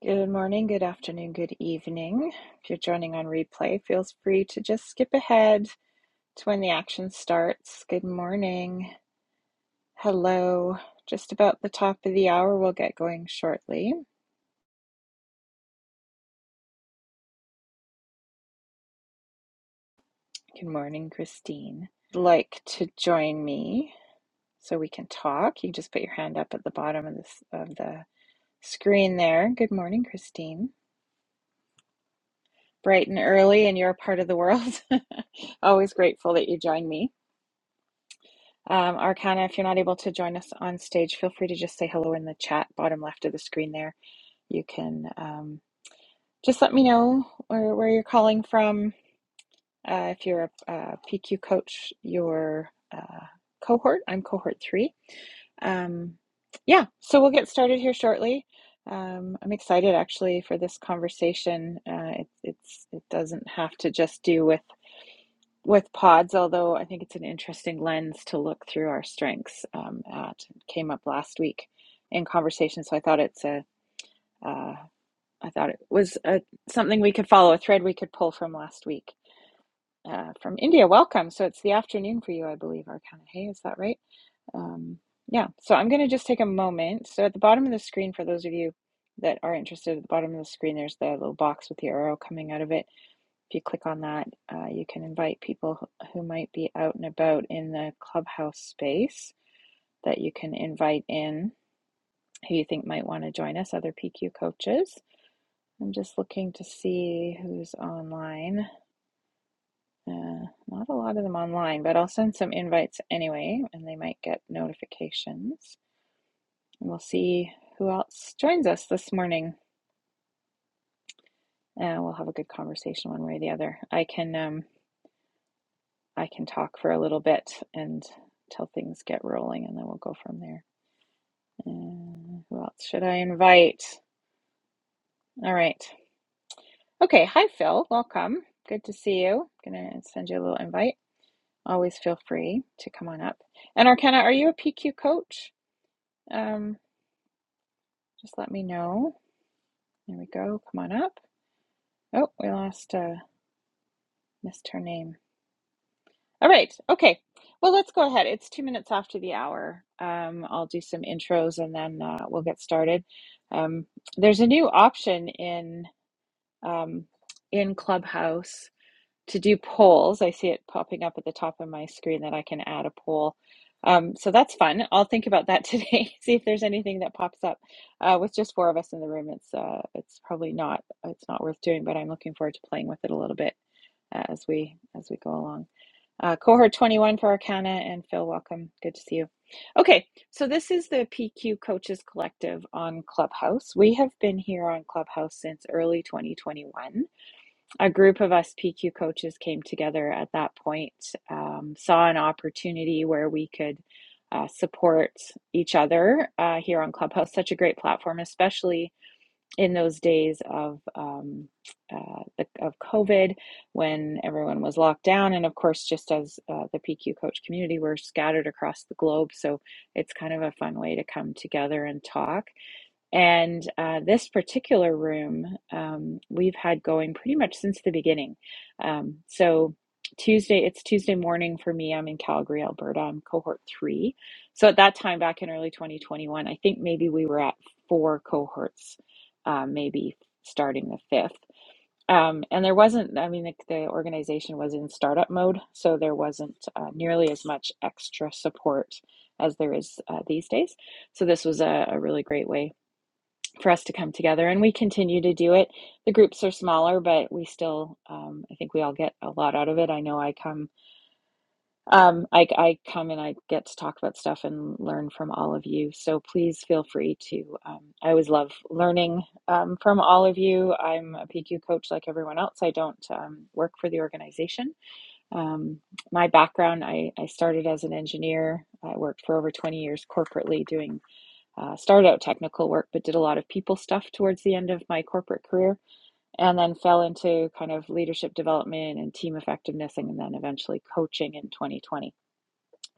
Good morning, good afternoon, good evening. If you're joining on replay, feel free to just skip ahead to when the action starts. Good morning. Hello. Just about the top of the hour, we'll get going shortly. Good morning, Christine. If you'd Like to join me so we can talk? You can just put your hand up at the bottom of this of the screen there. Good morning, Christine. Bright and early in your part of the world. Always grateful that you join me. Um, Arcana, if you're not able to join us on stage, feel free to just say hello in the chat, bottom left of the screen there. You can um, just let me know where, where you're calling from. Uh, if you're a, PQ coach, your uh, cohort, I'm cohort three. Um, yeah, so we'll get started here shortly. Um, I'm excited actually for this conversation. Uh, it, it's it doesn't have to just do with with pods, although I think it's an interesting lens to look through our strengths um, at. It came up last week in conversation, so I thought it's a uh, I thought it was a, something we could follow, a thread we could pull from last week. Uh, from India, welcome. So it's the afternoon for you, I believe, Arcana. Hey, is that right? Um, yeah. So I'm going to just take a moment. So at the bottom of the screen, for those of you that are interested, at the bottom of the screen, there's the little box with the arrow coming out of it if you click on that, uh, you can invite people who- might be out and about in the clubhouse space that you can invite in who you think might want to join us, other PQ coaches. I'm just looking to see who's online. Uh, not a lot of them online, but I'll send some invites anyway, and they might get notifications. And we'll see who else joins us this morning. Uh, we'll have a good conversation one way or the other. I can um, I can talk for a little bit and till things get rolling, and then we'll go from there. Uh, who else should I invite? All right. Okay. Hi, Phil. Welcome. Good to see you. Gonna send you a little invite. Always feel free to come on up. And Arcana, are you a PQ coach? Um, just let me know. There we go. Come on up. Oh, we lost. Uh, missed her name. All right. Okay. Well, let's go ahead. It's two minutes after the hour. Um, I'll do some intros and then uh, we'll get started. Um, there's a new option in um, in Clubhouse to do polls. I see it popping up at the top of my screen that I can add a poll. Um, so that's fun. I'll think about that today. see if there's anything that pops up. Uh, with just four of us in the room, it's uh, it's probably not it's not worth doing, but I'm looking forward to playing with it a little bit uh, as we as we go along. Uh, cohort 21 for Arcana and Phil, welcome. Good to see you. Okay, so this is the PQ Coaches Collective on Clubhouse. We have been here on Clubhouse since early 2021. A group of us PQ coaches came together at that point, um, saw an opportunity where we could uh, support each other uh, here on Clubhouse. Such a great platform, especially in those days of um, uh, the, of COVID, when everyone was locked down, and of course, just as uh, the PQ coach community, we're scattered across the globe, so it's kind of a fun way to come together and talk. And uh, this particular room um, we've had going pretty much since the beginning. Um, so Tuesday, it's Tuesday morning for me. I'm in Calgary, Alberta. I'm cohort three. So at that time, back in early 2021, I think maybe we were at four cohorts, uh, maybe starting the fifth. Um, and there wasn't, I mean, the, the organization was in startup mode, so there wasn't uh, nearly as much extra support as there is uh, these days. So this was a, a really great way for us to come together, and we continue to do it. The groups are smaller, but we still, um, I think we all get a lot out of it. I know I come, um, I, I come and I get to talk about stuff and learn from all of you. So please feel free to. Um, I always love learning um, from all of you. I'm a PQ coach like everyone else. I don't um, work for the organization. Um, my background, I, I started as an engineer. I worked for over 20 years corporately doing uh, started out technical work, but did a lot of people stuff towards the end of my corporate career, and then fell into kind of leadership development and team effectiveness, and then eventually coaching in 2020.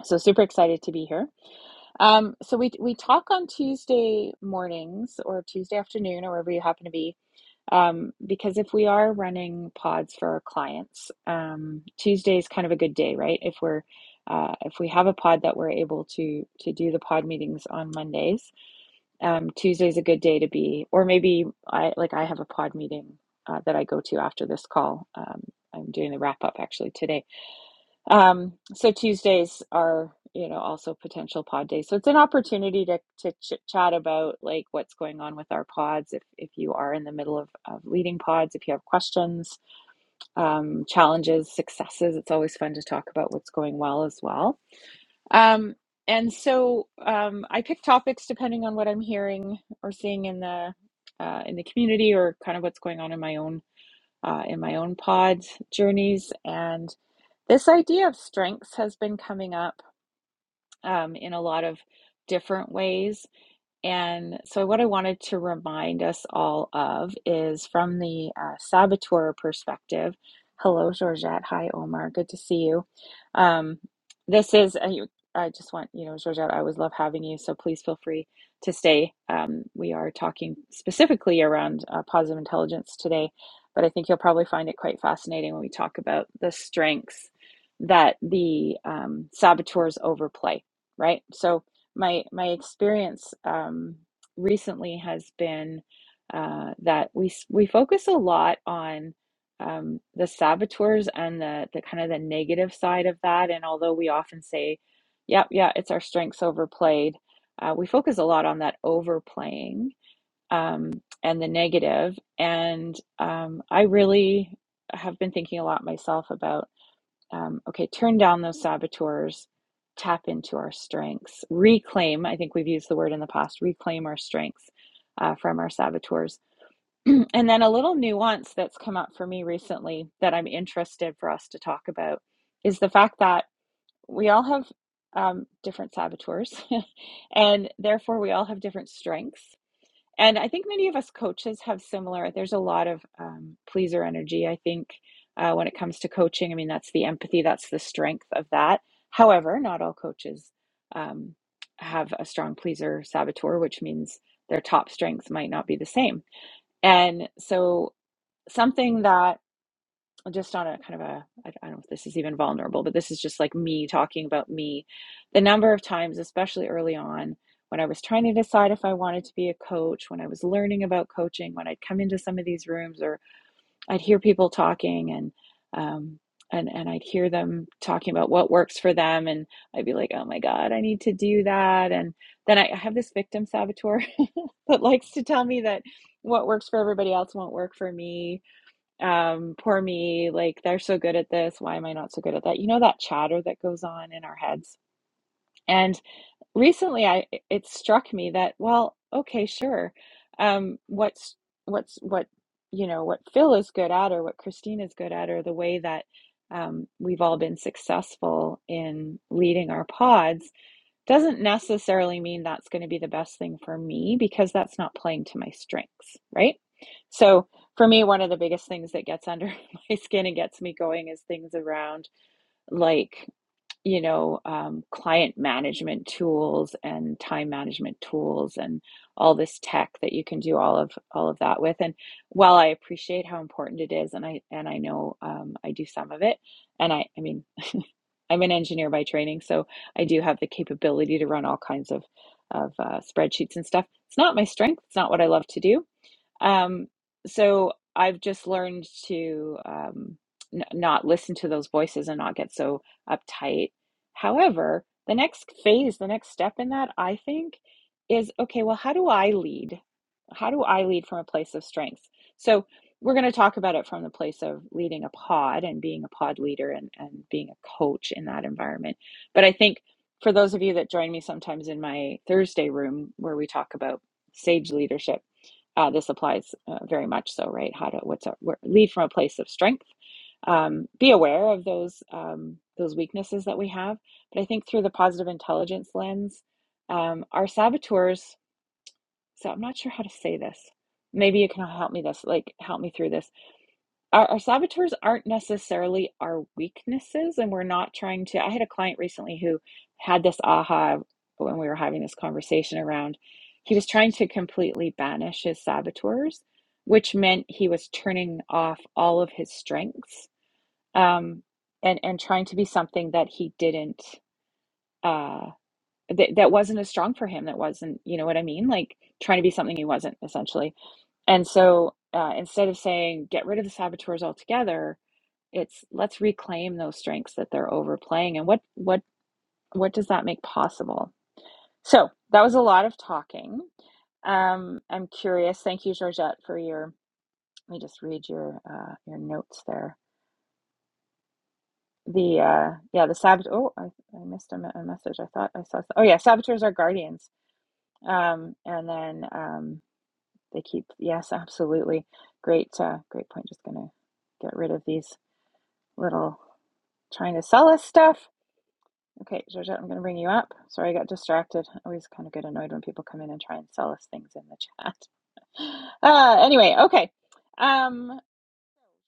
So super excited to be here. Um, so we we talk on Tuesday mornings or Tuesday afternoon or wherever you happen to be. Um, because if we are running pods for our clients, um, Tuesday is kind of a good day, right? If we're uh, if we have a pod that we're able to to do the pod meetings on Mondays, um, Tuesday's a good day to be, or maybe I like I have a pod meeting uh, that I go to after this call. Um, I'm doing the wrap up actually today. Um, so Tuesdays are, you know, also potential pod days. So it's an opportunity to to chit chat about like what's going on with our pods. If if you are in the middle of, of leading pods, if you have questions, um, challenges, successes, it's always fun to talk about what's going well as well. Um, and so um, I pick topics depending on what I'm hearing or seeing in the uh, in the community or kind of what's going on in my own uh, in my own pod journeys. And this idea of strengths has been coming up um, in a lot of different ways. And so, what I wanted to remind us all of is from the uh, saboteur perspective. Hello, Georgette. Hi, Omar. Good to see you. Um, this is, I, I just want, you know, Georgette, I always love having you. So, please feel free to stay. Um, we are talking specifically around uh, positive intelligence today, but I think you'll probably find it quite fascinating when we talk about the strengths that the um, saboteurs overplay, right? So, my my experience um, recently has been uh, that we s- we focus a lot on um, the saboteurs and the the kind of the negative side of that. And although we often say, "Yep, yeah, it's our strengths overplayed," uh, we focus a lot on that overplaying um, and the negative. And um, I really have been thinking a lot myself about um, okay, turn down those saboteurs, tap into our strengths, reclaim. I think we've used the word in the past reclaim our strengths uh, from our saboteurs. and then a little nuance that's come up for me recently that I'm interested for us to talk about is the fact that we all have um, different saboteurs, and therefore we all have different strengths. And I think many of us coaches have similar, there's a lot of um, pleaser energy, I think, uh, when it comes to coaching. I mean, that's the empathy, that's the strength of that. However, not all coaches um, have a strong pleaser saboteur, which means their top strengths might not be the same. And so, something that just on a kind of ai I I don't know if this is even vulnerable, but this is just like me talking about me. The number of times, especially early on, when I was trying to decide if I wanted to be a coach, when I was learning about coaching, when I'd come into some of these rooms or I'd hear people talking and um and and I'd hear them talking about what works for them and I'd be like, "Oh my God, I need to do that." And then I, I have this victim saboteur that likes to tell me that what works for everybody else won't work for me um, poor me, like they're so good at this, why am I not so good at that? You know, that chatter that goes on in our heads. And recently I it struck me that, well, okay, sure. Um, what's what's what you know, what Phil is good at or what Christine is good at or the way that um, we've all been successful in leading our pods doesn't necessarily mean that's going to be the best thing for me because that's not playing to my strengths, right? So, for me, one of the biggest things that gets under my skin and gets me going is things around like, you know, um, client management tools and time management tools and all this tech that you can do all of all of that with. And while I appreciate how important it is, and I and I know um, I do some of it, and I I mean I'm an engineer by training, so I do have the capability to run all kinds of of uh, spreadsheets and stuff. It's not my strength. It's not what I love to do um, so I've just learned to um, n not listen to those voices and not get so uptight. However, the next phase, the next step in that, I think, is okay, well, how do I lead? How do I lead from a place of strength? So we're going to talk about it from the place of leading a pod and being a pod leader and, and being a coach in that environment. But I think for those of you that join me sometimes in my Thursday room where we talk about sage leadership, uh, this applies uh, very much so, right? How to what's our, lead from a place of strength. Um, be aware of those um, those weaknesses that we have, but I think through the positive intelligence lens, um, our saboteurs. So I'm not sure how to say this. Maybe you can help me this, like help me through this our, our saboteurs aren't necessarily our weaknesses and we're not trying to i had a client recently who had this aha when we were having this conversation around he was trying to completely banish his saboteurs which meant he was turning off all of his strengths um, and and trying to be something that he didn't uh, that, that wasn't as strong for him that wasn't you know what i mean like trying to be something he wasn't essentially and so uh, instead of saying get rid of the saboteurs altogether it's let's reclaim those strengths that they're overplaying and what what what does that make possible? So that was a lot of talking. Um, I'm curious. Thank you, Georgette, for your. Let me just read your uh, your notes there. The uh, yeah, the sabot. Oh, I, I missed a, me- a message. I thought I saw. Oh yeah, saboteurs are guardians. Um, and then um, they keep. Yes, absolutely. Great, uh, great point. Just gonna get rid of these little trying to sell us stuff. Okay, Georgette, I'm going to bring you up. Sorry, I got distracted. I always kind of get annoyed when people come in and try and sell us things in the chat. Uh, anyway, okay. Um,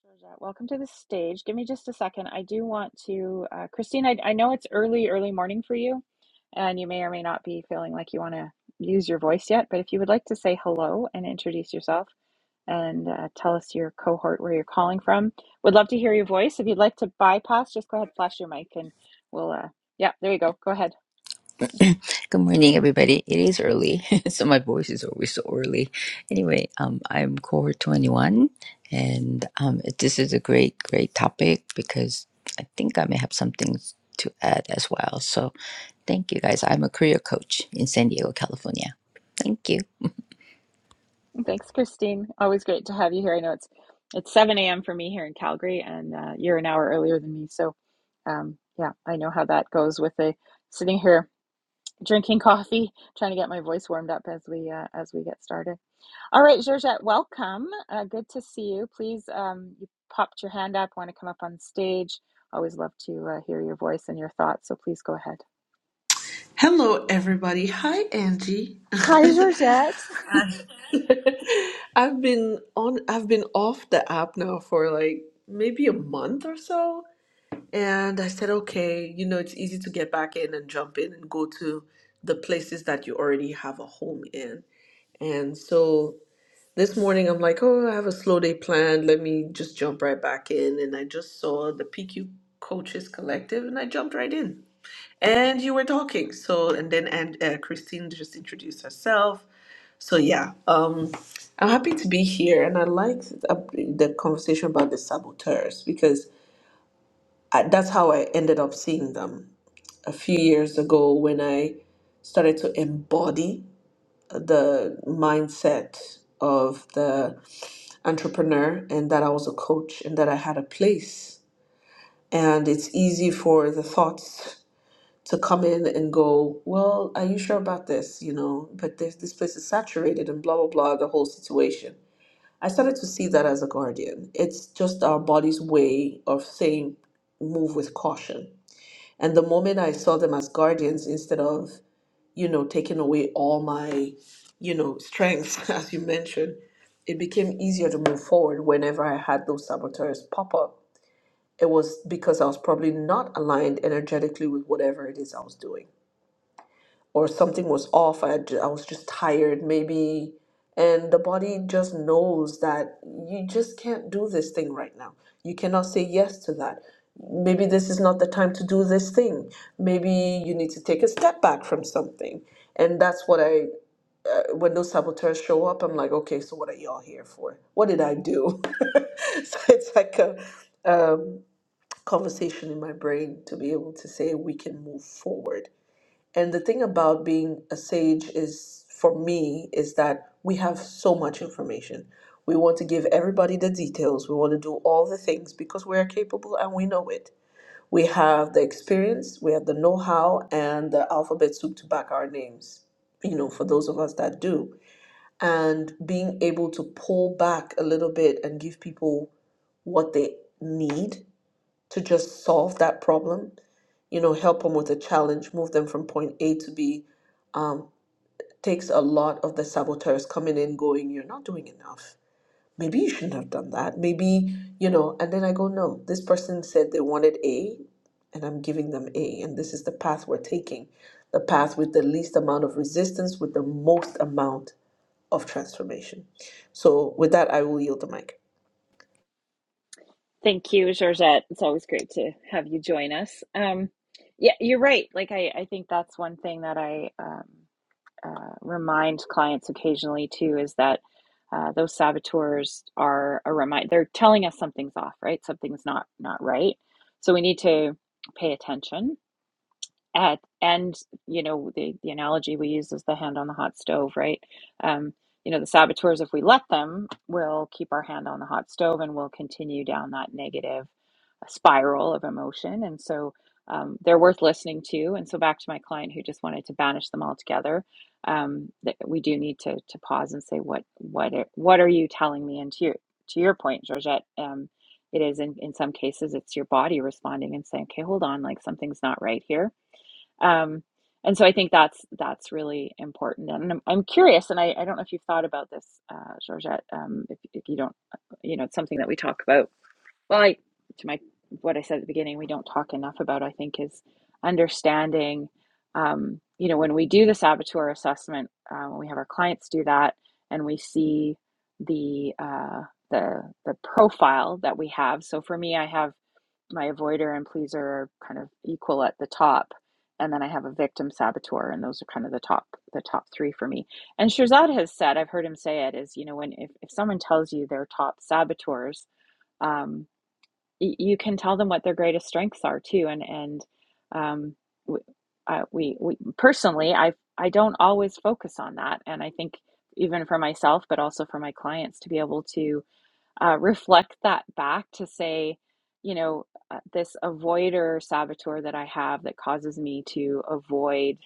Georgette, welcome to the stage. Give me just a second. I do want to, uh, Christine, I, I know it's early, early morning for you, and you may or may not be feeling like you want to use your voice yet, but if you would like to say hello and introduce yourself, and uh, tell us your cohort where you're calling from. Would love to hear your voice. If you'd like to bypass, just go ahead, flash your mic, and we'll. Uh, yeah, there you go. Go ahead. Good morning, everybody. It is early, so my voice is always so early. Anyway, um, I'm Core 21, and um, this is a great, great topic because I think I may have something to add as well. So thank you, guys. I'm a career coach in San Diego, California. Thank you. Thanks, Christine. Always great to have you here. I know it's it's 7 a.m. for me here in Calgary, and uh, you're an hour earlier than me. So, um, yeah, I know how that goes with the sitting here drinking coffee, trying to get my voice warmed up as we uh, as we get started. All right, Georgette, welcome. Uh, good to see you. Please, um, you popped your hand up. Want to come up on stage? Always love to uh, hear your voice and your thoughts. So please go ahead. Hello, everybody. Hi, Angie. Hi, Georgette. I- I've been on. I've been off the app now for like maybe a month or so, and I said, okay, you know, it's easy to get back in and jump in and go to the places that you already have a home in. And so this morning, I'm like, oh, I have a slow day planned. Let me just jump right back in. And I just saw the PQ Coaches Collective, and I jumped right in and you were talking so and then and uh, christine just introduced herself so yeah um i'm happy to be here and i liked uh, the conversation about the saboteurs because I, that's how i ended up seeing them a few years ago when i started to embody the mindset of the entrepreneur and that i was a coach and that i had a place and it's easy for the thoughts to come in and go, well, are you sure about this? You know, but this this place is saturated and blah blah blah, the whole situation. I started to see that as a guardian. It's just our body's way of saying move with caution. And the moment I saw them as guardians instead of, you know, taking away all my, you know, strengths, as you mentioned, it became easier to move forward whenever I had those saboteurs pop up. It was because I was probably not aligned energetically with whatever it is I was doing or something was off. I, ju- I was just tired, maybe. And the body just knows that you just can't do this thing right now. You cannot say yes to that. Maybe this is not the time to do this thing. Maybe you need to take a step back from something. And that's what I, uh, when those saboteurs show up, I'm like, okay, so what are y'all here for? What did I do? so it's like a um, conversation in my brain to be able to say we can move forward and the thing about being a sage is, for me, is that we have so much information. We want to give everybody the details. We want to do all the things because we are capable and we know it. We have the experience, we have the know how, and the alphabet soup to back our names, you know, for those of us that do. And being able to pull back a little bit and give people what they need to just solve that problem you know, help them with a challenge, move them from point A to B, um, takes a lot of the saboteurs coming in, going, You're not doing enough. Maybe you shouldn't have done that. Maybe, you know, and then I go, No, this person said they wanted A, and I'm giving them A. And this is the path we're taking the path with the least amount of resistance, with the most amount of transformation. So, with that, I will yield the mic. Thank you, Georgette. It's always great to have you join us. Um, yeah, you're right. Like I, I think that's one thing that I um, uh, remind clients occasionally too is that uh, those saboteurs are a remind. They're telling us something's off, right? Something's not not right. So we need to pay attention at and you know the the analogy we use is the hand on the hot stove right um you know the saboteurs if we let them will keep our hand on the hot stove and will continue down that negative spiral of emotion and so um, they're worth listening to and so back to my client who just wanted to banish them altogether um, that we do need to to pause and say what what are, what are you telling me and to your to your point georgette um, it is in, in some cases it's your body responding and saying okay hold on like something's not right here um, and so I think that's that's really important. And I'm, I'm curious, and I, I don't know if you've thought about this, uh, Georgette. Um, if, if you don't, you know, it's something that we talk about. Well, I, to my what I said at the beginning, we don't talk enough about. I think is understanding. Um, you know, when we do the saboteur assessment, uh, when we have our clients do that, and we see the uh, the the profile that we have. So for me, I have my avoider and pleaser are kind of equal at the top and then i have a victim saboteur and those are kind of the top the top three for me and shirzad has said i've heard him say it is you know when if, if someone tells you their top saboteurs um, y- you can tell them what their greatest strengths are too and and um, w uh, we, we personally i i don't always focus on that and i think even for myself but also for my clients to be able to uh, reflect that back to say, you know, uh, this avoider saboteur that I have that causes me to avoid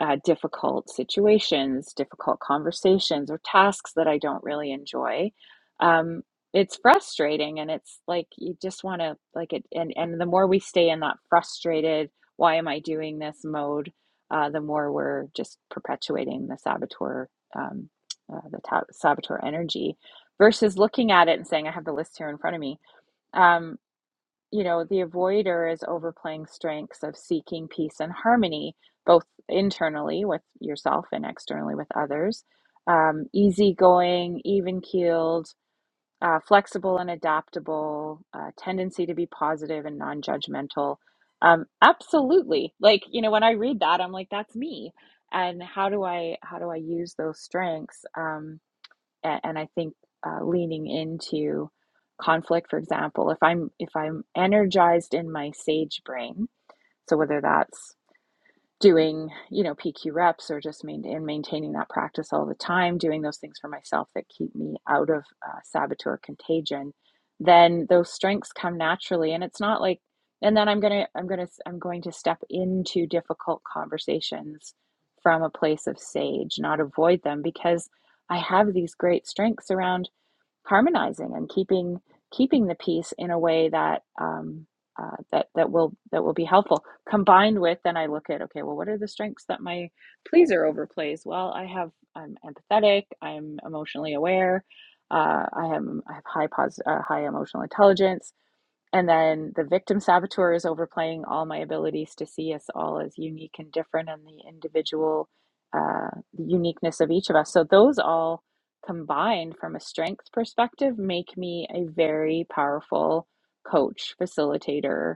uh, difficult situations, difficult conversations, or tasks that I don't really enjoy, um, it's frustrating. And it's like you just want to like it. And and the more we stay in that frustrated, why am I doing this mode, uh, the more we're just perpetuating the saboteur, um, uh, the ta- saboteur energy, versus looking at it and saying, I have the list here in front of me. Um, you know, the avoider is overplaying strengths of seeking peace and harmony, both internally with yourself and externally with others. Um, easygoing, even keeled, uh, flexible and adaptable, uh, tendency to be positive and non judgmental. Um, absolutely. Like, you know, when I read that, I'm like, that's me. And how do I how do I use those strengths? Um, and, and I think uh, leaning into conflict, for example, if I'm if I'm energized in my sage brain, so whether that's doing you know pq reps or just main, and maintaining that practice all the time doing those things for myself that keep me out of uh, saboteur contagion then those strengths come naturally and it's not like and then i'm gonna i'm gonna i'm going to step into difficult conversations from a place of sage not avoid them because i have these great strengths around harmonizing and keeping keeping the peace in a way that um, uh, that that will that will be helpful. Combined with then I look at okay, well, what are the strengths that my pleaser overplays? Well, I have I'm empathetic, I'm emotionally aware, uh, I am I have high pos- uh, high emotional intelligence. And then the victim saboteur is overplaying all my abilities to see us all as unique and different and the individual uh, uniqueness of each of us. So, those all combined from a strength perspective make me a very powerful coach, facilitator,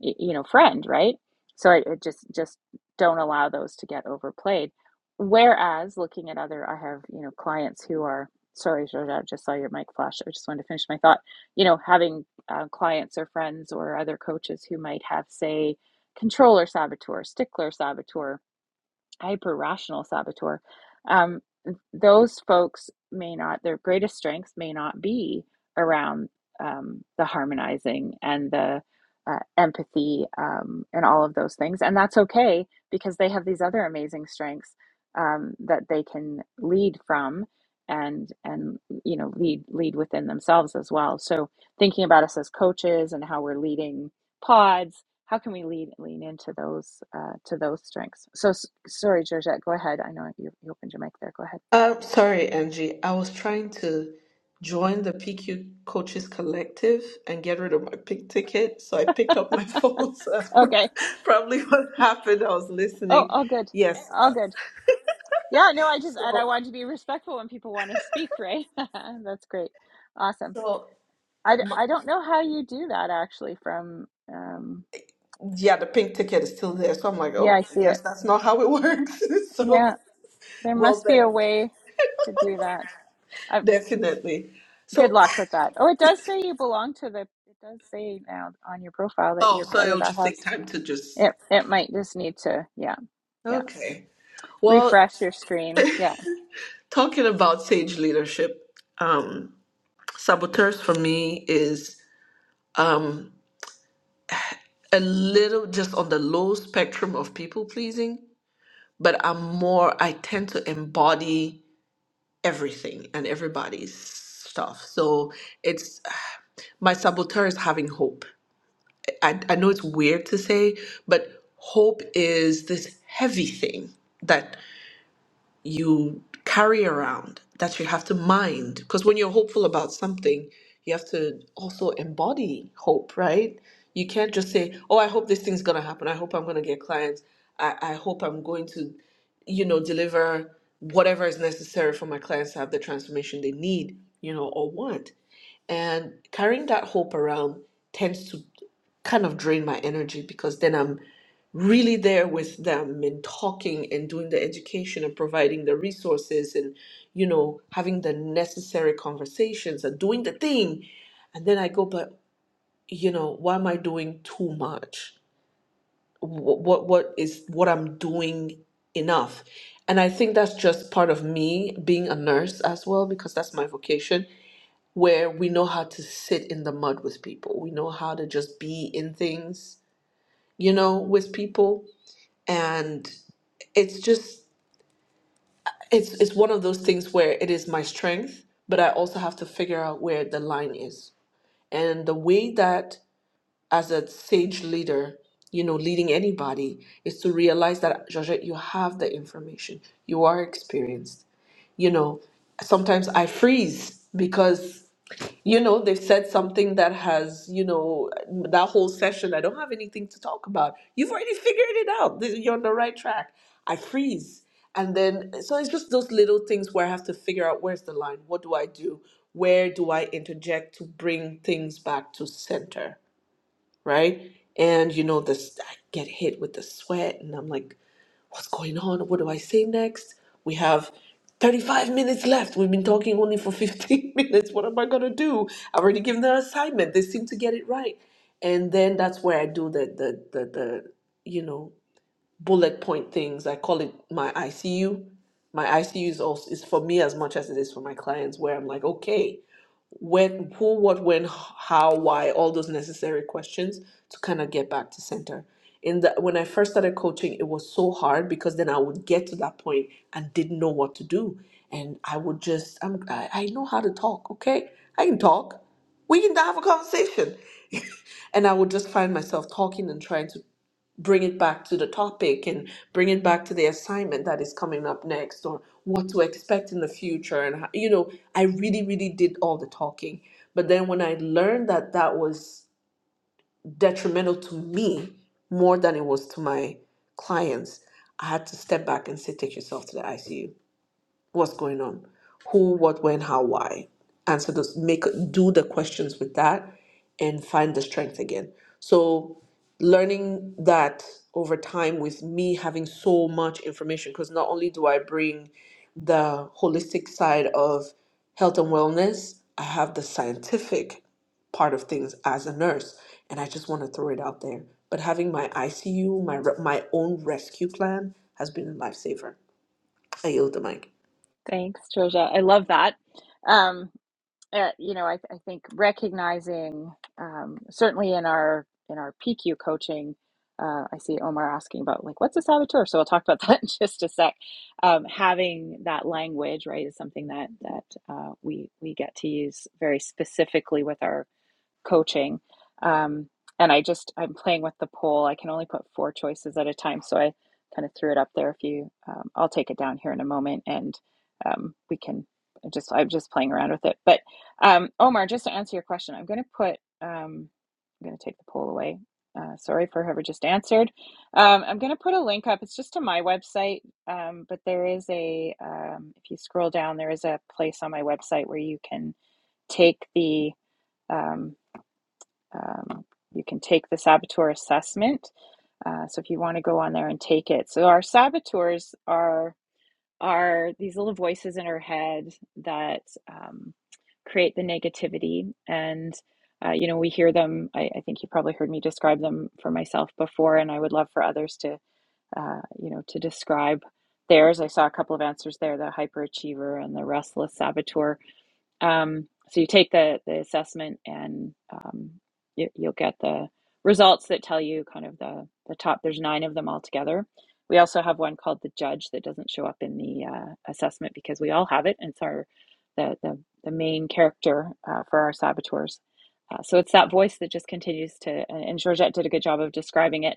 y- you know friend right so I, I just just don't allow those to get overplayed whereas looking at other i have you know clients who are sorry Georgia, i just saw your mic flash i just wanted to finish my thought you know having uh, clients or friends or other coaches who might have say controller saboteur stickler saboteur hyper rational saboteur, um, those folks may not, their greatest strengths may not be around um, the harmonizing and the uh, empathy um, and all of those things. And that's okay because they have these other amazing strengths um, that they can lead from and and you know lead lead within themselves as well so thinking about us as coaches and how we're leading pods how can we lean lean into those uh, to those strengths? So sorry, Georgette, go ahead. I know you, you opened your mic there. Go ahead. Uh, sorry, Angie. I was trying to join the PQ Coaches Collective and get rid of my pink ticket, so I picked up my phone. So that's pro- Okay. probably what happened. I was Oh, listening. all good. Yes. All good. Yeah. No, I just and I So, wanted to be respectful when people want to speak, right? That's great. Awesome. so I uh, I d- my, I don't know how you do that actually. From um, yeah, the pink ticket is still there. So I'm like, yeah, oh, I I see it. guess that's not how it works. Yeah, so, there well, must be a but way to do that. i definitely. good So, luck with that. Oh, it does say you belong to the. It does say now on your profile that you're oh, so part of it'll that just take house. time to just It it might just need to, yeah, yeah. okay. Well, Refresh your screen. Yeah. talking about sage leadership. um. Saboteurs for me is um, a little just on the low spectrum of people pleasing, but I'm more, I tend to embody everything and everybody's stuff. So it's my saboteur is having hope. I, I know it's weird to say, but hope is this heavy thing that you carry around that you have to mind because when you're hopeful about something you have to also embody hope right you can't just say oh i hope this thing's going to happen i hope i'm going to get clients I, I hope i'm going to you know deliver whatever is necessary for my clients to have the transformation they need you know or want and carrying that hope around tends to kind of drain my energy because then I'm really there with them and talking and doing the education and providing the resources and you know having the necessary conversations and doing the thing and then I go but you know why am I doing too much what what, what is what I'm doing enough and I think that's just part of me being a nurse as well because that's my vocation where we know how to sit in the mud with people we know how to just be in things you know, with people. And it's just it's it's one of those things where it is my strength, but I also have to figure out where the line is. And the way that as a sage leader, you know, leading anybody is to realize that Georgette, you have the information. You are experienced. You know, sometimes I freeze because you know, they've said something that has, you know, that whole session, I don't have anything to talk about. You've already figured it out. Th- You're on the right track. I freeze. And then, so it's just those little things where I have to figure out where's the line? What do I do? Where do I interject to bring things back to center? Right. And, you know, this, I get hit with the sweat and I'm like, what's going on? What do I say next? We have 35 minutes left. We've been talking only for 15 minutes. What am I going to do? I've already given the assignment. They seem to get it right. And then that's where I do the, the, the, the you know, bullet point things. I call it my ICU. My ICU is also is for me as much as it is for my clients, where I'm like, okay, when who what when how why all those necessary questions to kind of get back to center in the when i first started coaching it was so hard because then i would get to that point and didn't know what to do and i would just I'm, I, I know how to talk okay i can talk we can have a conversation and i would just find myself talking and trying to bring it back to the topic and bring it back to the assignment that is coming up next or what to expect in the future and how, you know i really really did all the talking but then when i learned that that was detrimental to me more than it was to my clients i had to step back and say take yourself to the icu what's going on, who, what, when, how, why. Answer those, make do the questions with that, and find the strength again. So, learning that over time with me having so much information, because not only do I bring the holistic side of health and wellness, I have the scientific part of things as a nurse, and I just want to throw it out there. But having my ICU, my re- my own rescue plan has been a lifesaver. I yield the mic. Thanks, Trisha. I love that. Um, uh, you know, I, I think recognizing um, certainly in our in our PQ coaching, uh, I see Omar asking about like what's a saboteur. So we'll talk about that in just a sec. Um, having that language right is something that that uh, we we get to use very specifically with our coaching. Um, and I just, I'm playing with the poll. I can only put four choices at a time. So I kind of threw it up there. If you, um, I'll take it down here in a moment and um, we can just, I'm just playing around with it. But um, Omar, just to answer your question, I'm going to put, um, I'm going to take the poll away. Uh, sorry for whoever just answered. Um, I'm going to put a link up. It's just to my website, um, but there is a, um, if you scroll down, there is a place on my website where you can take the, um, um, you can take the saboteur assessment. Uh, so if you want to go on there and take it. So our saboteurs are are these little voices in our head that um, create the negativity, and uh, you know we hear them. I, I think you probably heard me describe them for myself before, and I would love for others to uh, you know to describe theirs. I saw a couple of answers there: the hyperachiever and the restless saboteur um, so you take the the assessment, and um, you, you'll get the results that tell you kind of the the top. There's nine of them all together. We also have one called the judge that doesn't show up in the uh, assessment because we all have it, and it's our the the, the main character uh, for our saboteurs. Uh, so it's that voice that just continues to, and Georgette did a good job of describing it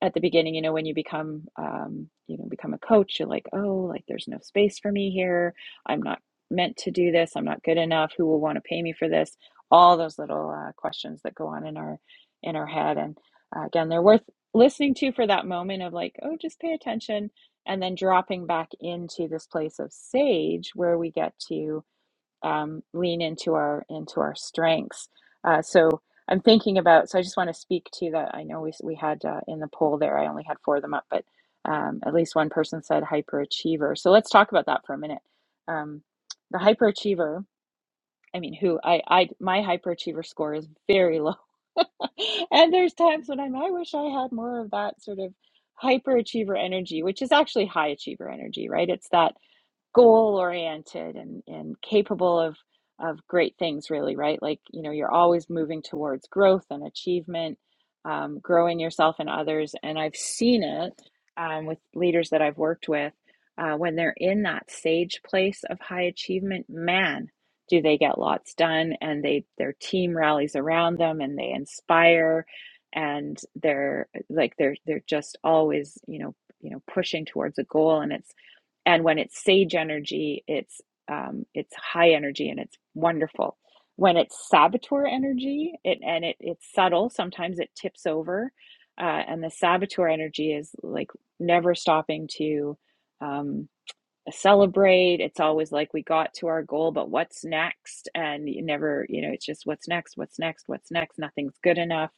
at the beginning, you know, when you become, um, you know, become a coach, you're like, oh, like there's no space for me here. I'm not meant to do this. I'm not good enough. Who will want to pay me for this? All those little uh, questions that go on in our in our head, and uh, again, they're worth listening to for that moment of like, oh, just pay attention, and then dropping back into this place of sage where we get to um, lean into our into our strengths. Uh, so I'm thinking about. So I just want to speak to that. I know we we had uh, in the poll there. I only had four of them up, but um, at least one person said hyperachiever. So let's talk about that for a minute. Um, the hyperachiever. I mean, who I I my hyperachiever score is very low, and there's times when I'm I wish I had more of that sort of hyperachiever energy, which is actually high achiever energy, right? It's that goal oriented and, and capable of of great things really right like you know you're always moving towards growth and achievement um, growing yourself and others and i've seen it um, with leaders that i've worked with uh, when they're in that sage place of high achievement man do they get lots done and they their team rallies around them and they inspire and they're like they're they're just always you know you know pushing towards a goal and it's and when it's sage energy, it's um, it's high energy and it's wonderful. When it's saboteur energy, it and it it's subtle. Sometimes it tips over, uh, and the saboteur energy is like never stopping to. Um, celebrate. It's always like we got to our goal, but what's next? And you never, you know, it's just what's next, what's next, what's next. Nothing's good enough.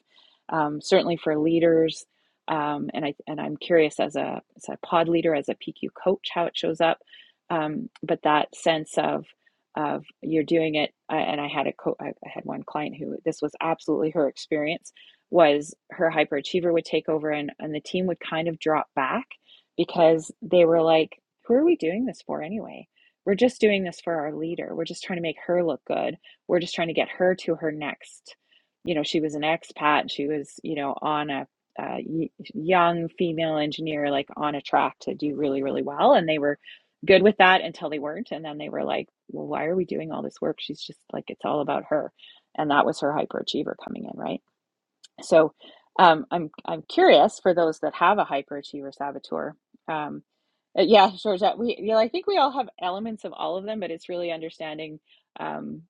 Um, certainly for leaders. Um, and I and I'm curious as a as a pod leader, as a PQ coach, how it shows up. Um, but that sense of of you're doing it. I, and I had a co- I had one client who this was absolutely her experience was her hyperachiever would take over and and the team would kind of drop back because they were like who are we doing this for anyway? We're just doing this for our leader. We're just trying to make her look good. We're just trying to get her to her next. You know, she was an expat. She was, you know, on a, uh young female engineer, like on a track to do really, really well. And they were good with that until they weren't. And then they were like, well, why are we doing all this work? She's just like, it's all about her. And that was her hyperachiever coming in, right? So um, I'm I'm curious for those that have a hyperachiever saboteur. Um, uh, yeah, Georgette, we you know I think we all have elements of all of them, but it's really understanding, um,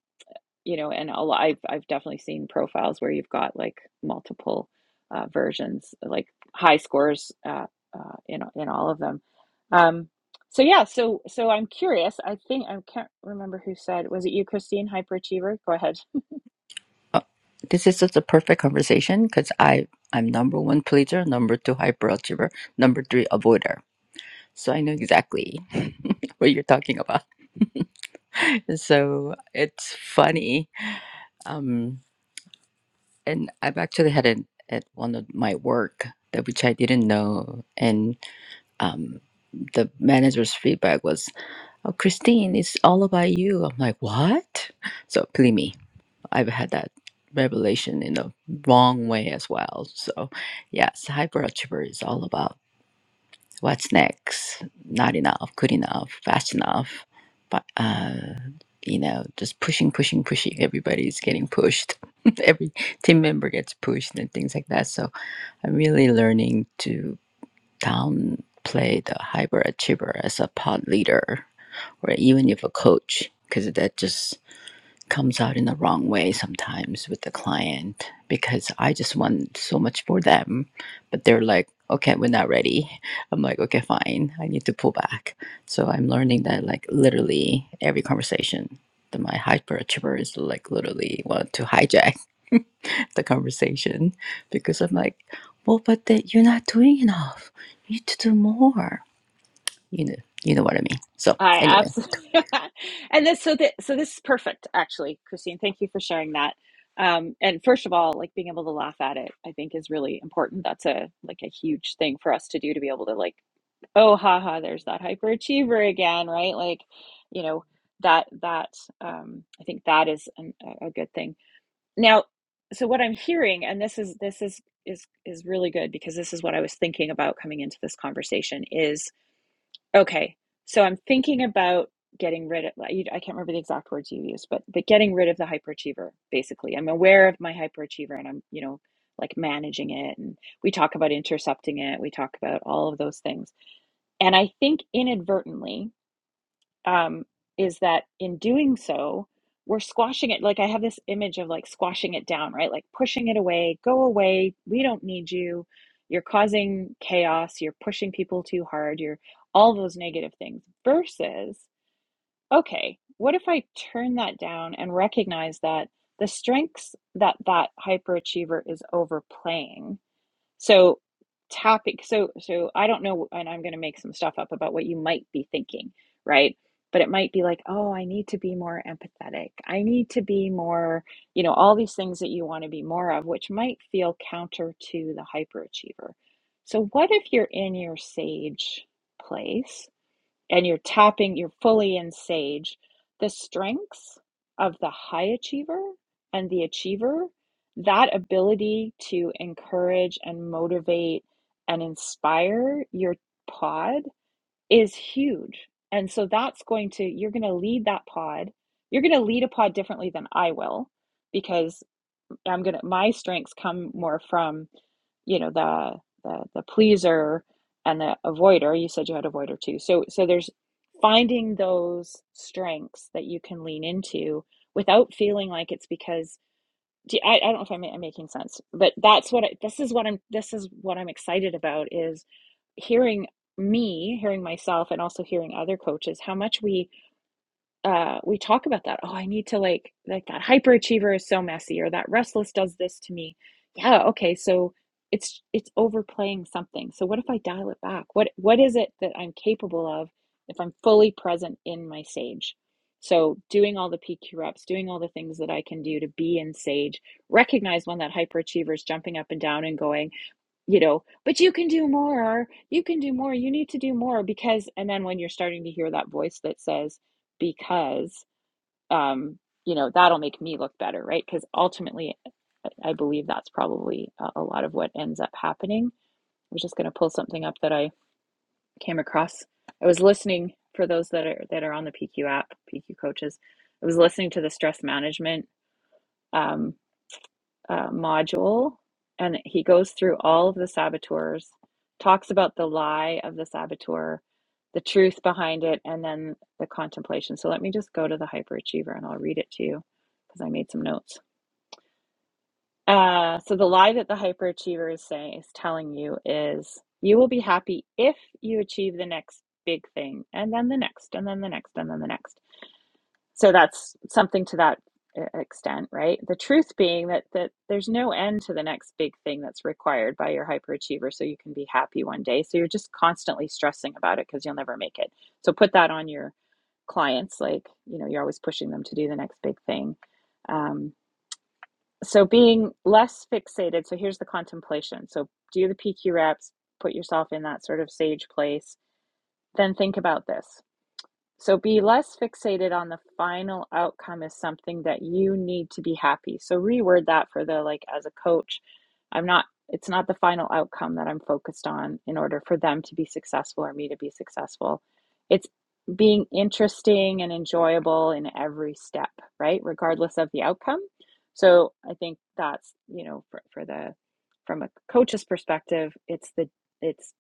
you know, and a lot, I've I've definitely seen profiles where you've got like multiple uh, versions, like high scores uh, uh, in in all of them. Um, so yeah, so so I'm curious. I think I can't remember who said was it you, Christine, hyperachiever? Go ahead. Oh, this is such a perfect conversation because I I'm number one pleaser, number two hyperachiever, number three avoider. So I know exactly what you're talking about. so it's funny. Um, and I've actually had it at one of my work that which I didn't know, and um, the manager's feedback was, "Oh, Christine, it's all about you." I'm like, "What?" So believe me, I've had that revelation in the wrong way as well. So yes, hyperachiever is all about. What's next? Not enough, good enough, fast enough. But, uh, you know, just pushing, pushing, pushing. Everybody's getting pushed. Every team member gets pushed and things like that. So I'm really learning to downplay the hyperachiever as a pod leader or even if a coach, because that just comes out in the wrong way sometimes with the client because I just want so much for them, but they're like, okay, we're not ready. I'm like, okay, fine. I need to pull back. So I'm learning that like literally every conversation that my hyperachievers like literally want to hijack the conversation because I'm like, well, but that you're not doing enough. You need to do more. You know, you know what I mean. So I anyway, absolutely and this so that so this is perfect actually, Christine. Thank you for sharing that. Um, and first of all, like being able to laugh at it, I think is really important. That's a like a huge thing for us to do to be able to like, oh, haha, there's that hyperachiever again, right? Like, you know, that that um, I think that is an, a a good thing. Now, so what I'm hearing, and this is this is is is really good because this is what I was thinking about coming into this conversation is Okay. So I'm thinking about getting rid of, I can't remember the exact words you used, but but getting rid of the hyperachiever, basically. I'm aware of my hyperachiever and I'm, you know, like managing it. And we talk about intercepting it. We talk about all of those things. And I think inadvertently, um, is that in doing so, we're squashing it. Like I have this image of like squashing it down, right? Like pushing it away, go away. We don't need you. You're causing chaos. You're pushing people too hard. You're all those negative things. Versus, okay, what if I turn that down and recognize that the strengths that that hyperachiever is overplaying so topic so so I don't know and I'm going to make some stuff up about what you might be thinking, right? But it might be like, "Oh, I need to be more empathetic. I need to be more, you know, all these things that you want to be more of, which might feel counter to the hyperachiever." So what if you're in your sage place and you're tapping, you're fully in sage, the strengths of the high achiever and the achiever, that ability to encourage and motivate and inspire your pod is huge. And so that's going to, you're going to lead that pod. You're going to lead a pod differently than I will because I'm gonna my strengths come more from, you know, the the the pleaser and the avoider. You said you had avoider too. So so there's finding those strengths that you can lean into without feeling like it's because I, I don't know if I'm, I'm making sense, but that's what I, this is what I'm this is what I'm excited about is hearing me, hearing myself, and also hearing other coaches how much we uh, we talk about that. Oh, I need to like like that hyperachiever is so messy, or that restless does this to me. Yeah, okay, so it's it's overplaying something. So what if I dial it back? What what is it that I'm capable of if I'm fully present in my sage? So doing all the PQ reps, doing all the things that I can do to be in sage, recognize when that hyperachiever is jumping up and down and going, you know, but you can do more. You can do more. You need to do more because, and then when you're starting to hear that voice that says, because, um, you know, that'll make me look better, right? Because ultimately, I believe that's probably a a lot of what ends up happening. I was just going to pull something up that I came across. I was listening for those that are that are on the PQ app, PQ coaches. I was listening to the stress management. Um, uh, module, and he goes through all of the saboteurs, talks about the lie of the saboteur, the truth behind it, and then the contemplation. So let me just go to the hyperachiever and I'll read it to you because I made some notes. Uh, so the lie that the hyperachiever is saying is telling you is you will be happy if you achieve the next big thing, and then the next, and then the next, and then the next so that's something to that e- extent right the truth being that that there's no end to the next big thing that's required by your hyperachiever so you can be happy one day so you're just constantly stressing about it because you'll never make it so put that on your clients like you know you're always pushing them to do the next big thing um, so being less fixated so here's the contemplation so do the pq reps put yourself in that sort of sage place then think about this so be less fixated on the final outcome is something that you need to be happy. So reword that for the like as a coach, I'm not it's not the final outcome that I'm focused on in order for them to be successful or me to be successful. It's being interesting and enjoyable in every step, right? Regardless of the outcome. So I think that's, you know, for, for the from a coach's perspective, it's the it's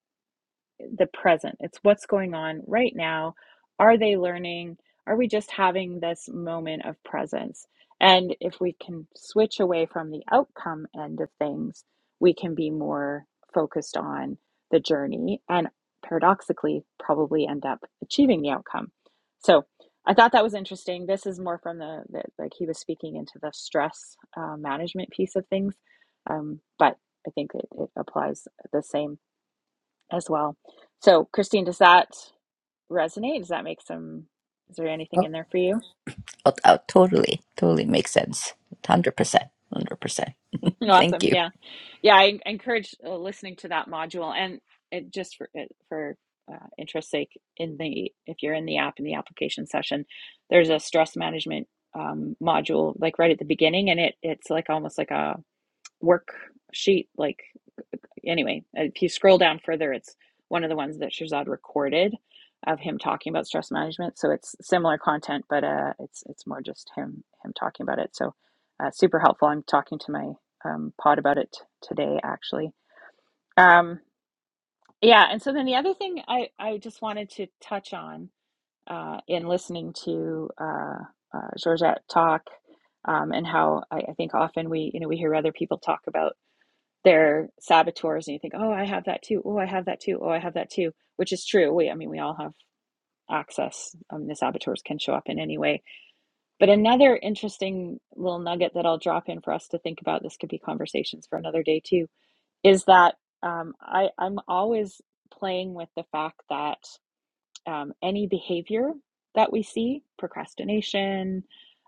the present. It's what's going on right now. Are they learning? Are we just having this moment of presence? And if we can switch away from the outcome end of things, we can be more focused on the journey and paradoxically probably end up achieving the outcome. So I thought that was interesting. This is more from the, the like he was speaking into the stress uh, management piece of things. Um, but I think it, it applies the same as well. So, Christine, does that resonate? Does that make some? Is there anything in there for you? Oh, oh, totally, totally makes sense. Hundred percent, hundred percent. Thank Awesome. you. Yeah, yeah. I encourage uh, listening to that module, and it just for it, for uh, interest sake, in the if you're in the app in the application session, there's a stress management um, module like right at the beginning, and it it's like almost like a worksheet like anyway, uh, if you scroll down further, it's one of the ones that Shazad recorded of him talking about stress management. So it's similar content, but uh, it's it's more just him him talking about it. So uh, super helpful. I'm talking to my um, pod about it today, actually. Um, yeah, and so then the other thing I I just wanted to touch on uh, in listening to uh, uh, Georgette talk. Um, and how I, I think often we, you know, we hear other people talk about they're saboteurs and you think oh i have that too oh i have that too oh i have that too which is true we i mean we all have access i mean the saboteurs can show up in any way but another interesting little nugget that i'll drop in for us to think about this could be conversations for another day too is that um, I, i'm always playing with the fact that um, any behavior that we see procrastination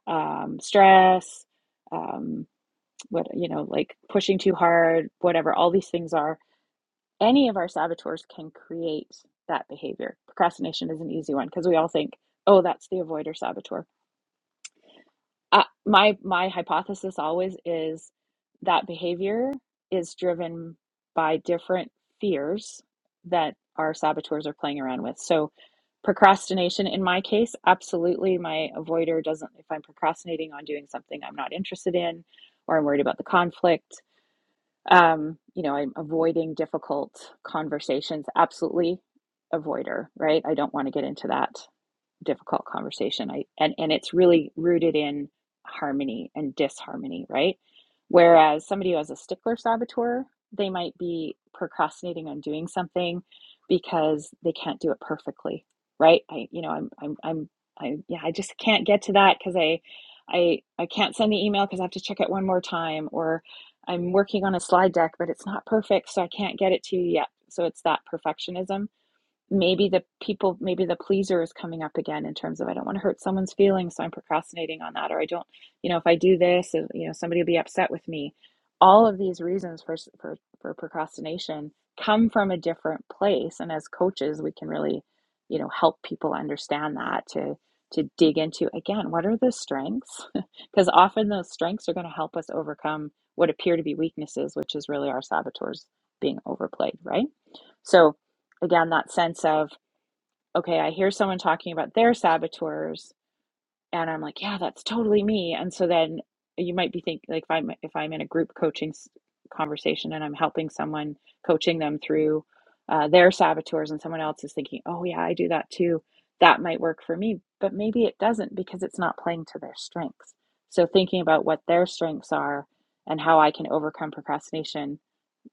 um, stress um, what you know like pushing too hard whatever all these things are any of our saboteurs can create that behavior. Procrastination is an easy one because we all think, "Oh, that's the avoider saboteur." Uh, my my hypothesis always is that behavior is driven by different fears that our saboteurs are playing around with. So, procrastination in my case, absolutely, my avoider doesn't. If I'm procrastinating on doing something I'm not interested in, or I'm worried about the conflict, um, you know, I'm avoiding difficult conversations. Absolutely avoider, right? I don't want to get into that difficult conversation. I and and it's really rooted in harmony and disharmony, right? Whereas somebody who has a stickler saboteur, they might be procrastinating on doing something because they can't do it perfectly, right? I you know I'm I'm I'm I yeah I just can't get to that because I I I can't send the email because I have to check it one more time or I'm working on a slide deck but it's not perfect so I can't get it to you yet. So it's that perfectionism maybe the people maybe the pleaser is coming up again in terms of i don't want to hurt someone's feelings so i'm procrastinating on that or i don't you know if i do this uh, you know somebody will be upset with me all of these reasons for for, for procrastination come from a different place and as coaches we can really you know help people understand that to to dig into again what are the strengths because often those strengths are going to help us overcome what appear to be weaknesses which is really our saboteurs being overplayed right so, again, that sense of, okay, I hear someone talking about their saboteurs, and I'm like, yeah, that's totally me. And so then you might be thinking, like, if I'm if I'm in a group coaching s- conversation and I'm helping someone coaching them through uh, their saboteurs, and someone else is thinking, oh yeah, I do that too. That might work for me, but maybe it doesn't because it's not playing to their strengths. So thinking about what their strengths are and how I can overcome procrastination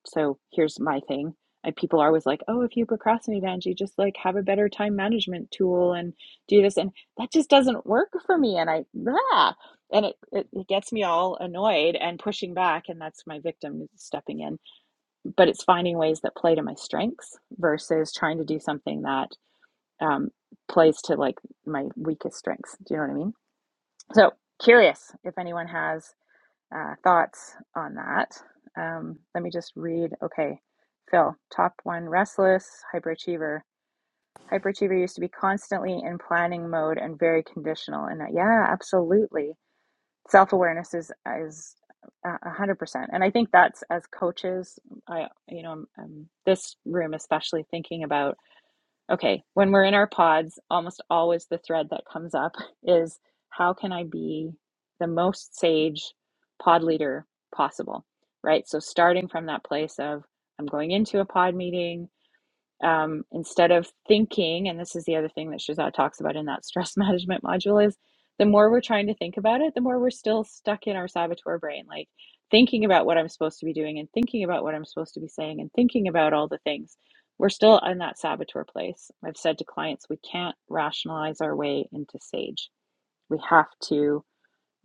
so here's my thing. And people are always like, oh, if you procrastinate, Angie, just like have a better time management tool and do this. And that just doesn't work for me. And I, ah, and it, it, it gets me all annoyed and pushing back. And that's my victim stepping in. But it's finding ways that play to my strengths versus trying to do something that um, plays to like my weakest strengths. Do you know what I mean? So curious if anyone has uh, thoughts on that. Um, let me just read. Okay, Phil, top one restless, hyperachiever. Hyperachiever used to be constantly in planning mode and very conditional. And uh, yeah, absolutely. Self awareness is is uh, a hundred percent. And I think that's as coaches, I you know, um, this room especially thinking about Okay, when we're in our pods, almost always the thread that comes up is how can I be the most sage pod leader possible, right? So starting from that place of I'm going into a pod meeting, um, instead of thinking and this is the other thing that shazad talks about in that stress management module is the more we're trying to think about it the more we're still stuck in our saboteur brain like thinking about what i'm supposed to be doing and thinking about what i'm supposed to be saying and thinking about all the things we're still in that saboteur place i've said to clients we can't rationalize our way into sage we have to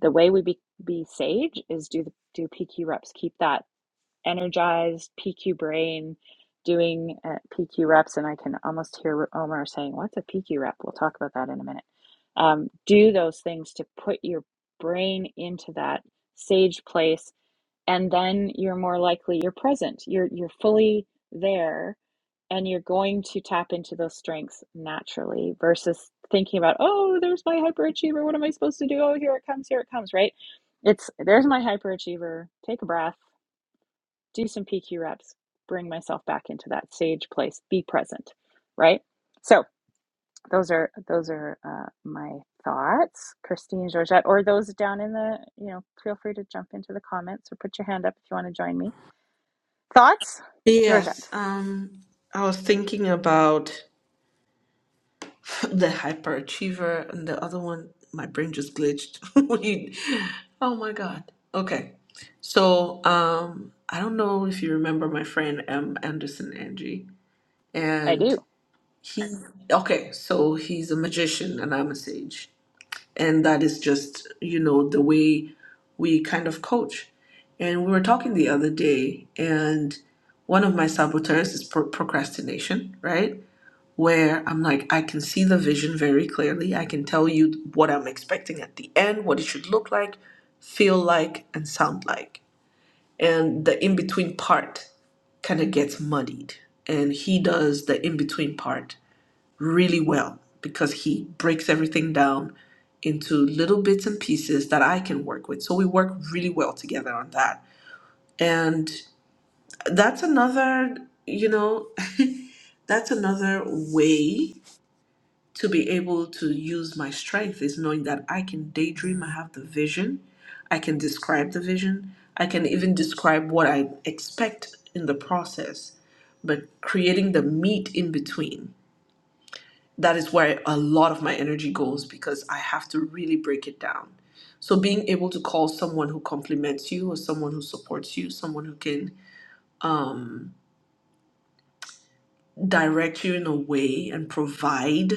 the way we be, be sage is do the do pq reps keep that energized PQ brain doing uh, PQ reps. And I can almost hear Omar saying, What's a PQ rep? We'll talk about that in a minute. Um, do those things to put your brain into that sage place. And then you're more likely you're present, you're, you're fully there. And you're going to tap into those strengths naturally versus thinking about, oh, there's my hyperachiever. What am I supposed to do? Oh, here it comes, here it comes, right? It's there's my hyperachiever. Take a breath do some PQ reps, bring myself back into that sage place, be present, right? So those are those are uh, my thoughts, Christine, Georgette, or those down in the you know, feel free to jump into the comments or put your hand up if you want to join me. Thoughts, Yes, Georgette? um, I was thinking about the hyperachiever and the other one. My brain just glitched. We- oh my God. Okay. So, um, I don't know if you remember my friend M. Anderson Angie, I and do. he, okay, so he's a magician and I'm a sage and that is just you know the way we kind of coach and we were talking the other day and one of my saboteurs is pro- procrastination right where i'm like i can see the vision very clearly i can tell you what i'm expecting at the end what it should look like feel like and sound like and the in between part kind of gets muddied and he does the in between part really well because he breaks everything down into little bits and pieces that I can work with. So we work really well together on that. And that's another, you know, that's another way to be able to use my strength is knowing that I can daydream, I have the vision, I can describe the vision, I can even describe what I expect in the process, but creating the meat in between that is where a lot of my energy goes because I have to really break it down. So being able to call someone who compliments you or someone who supports you, someone who can um, direct you in a way and provide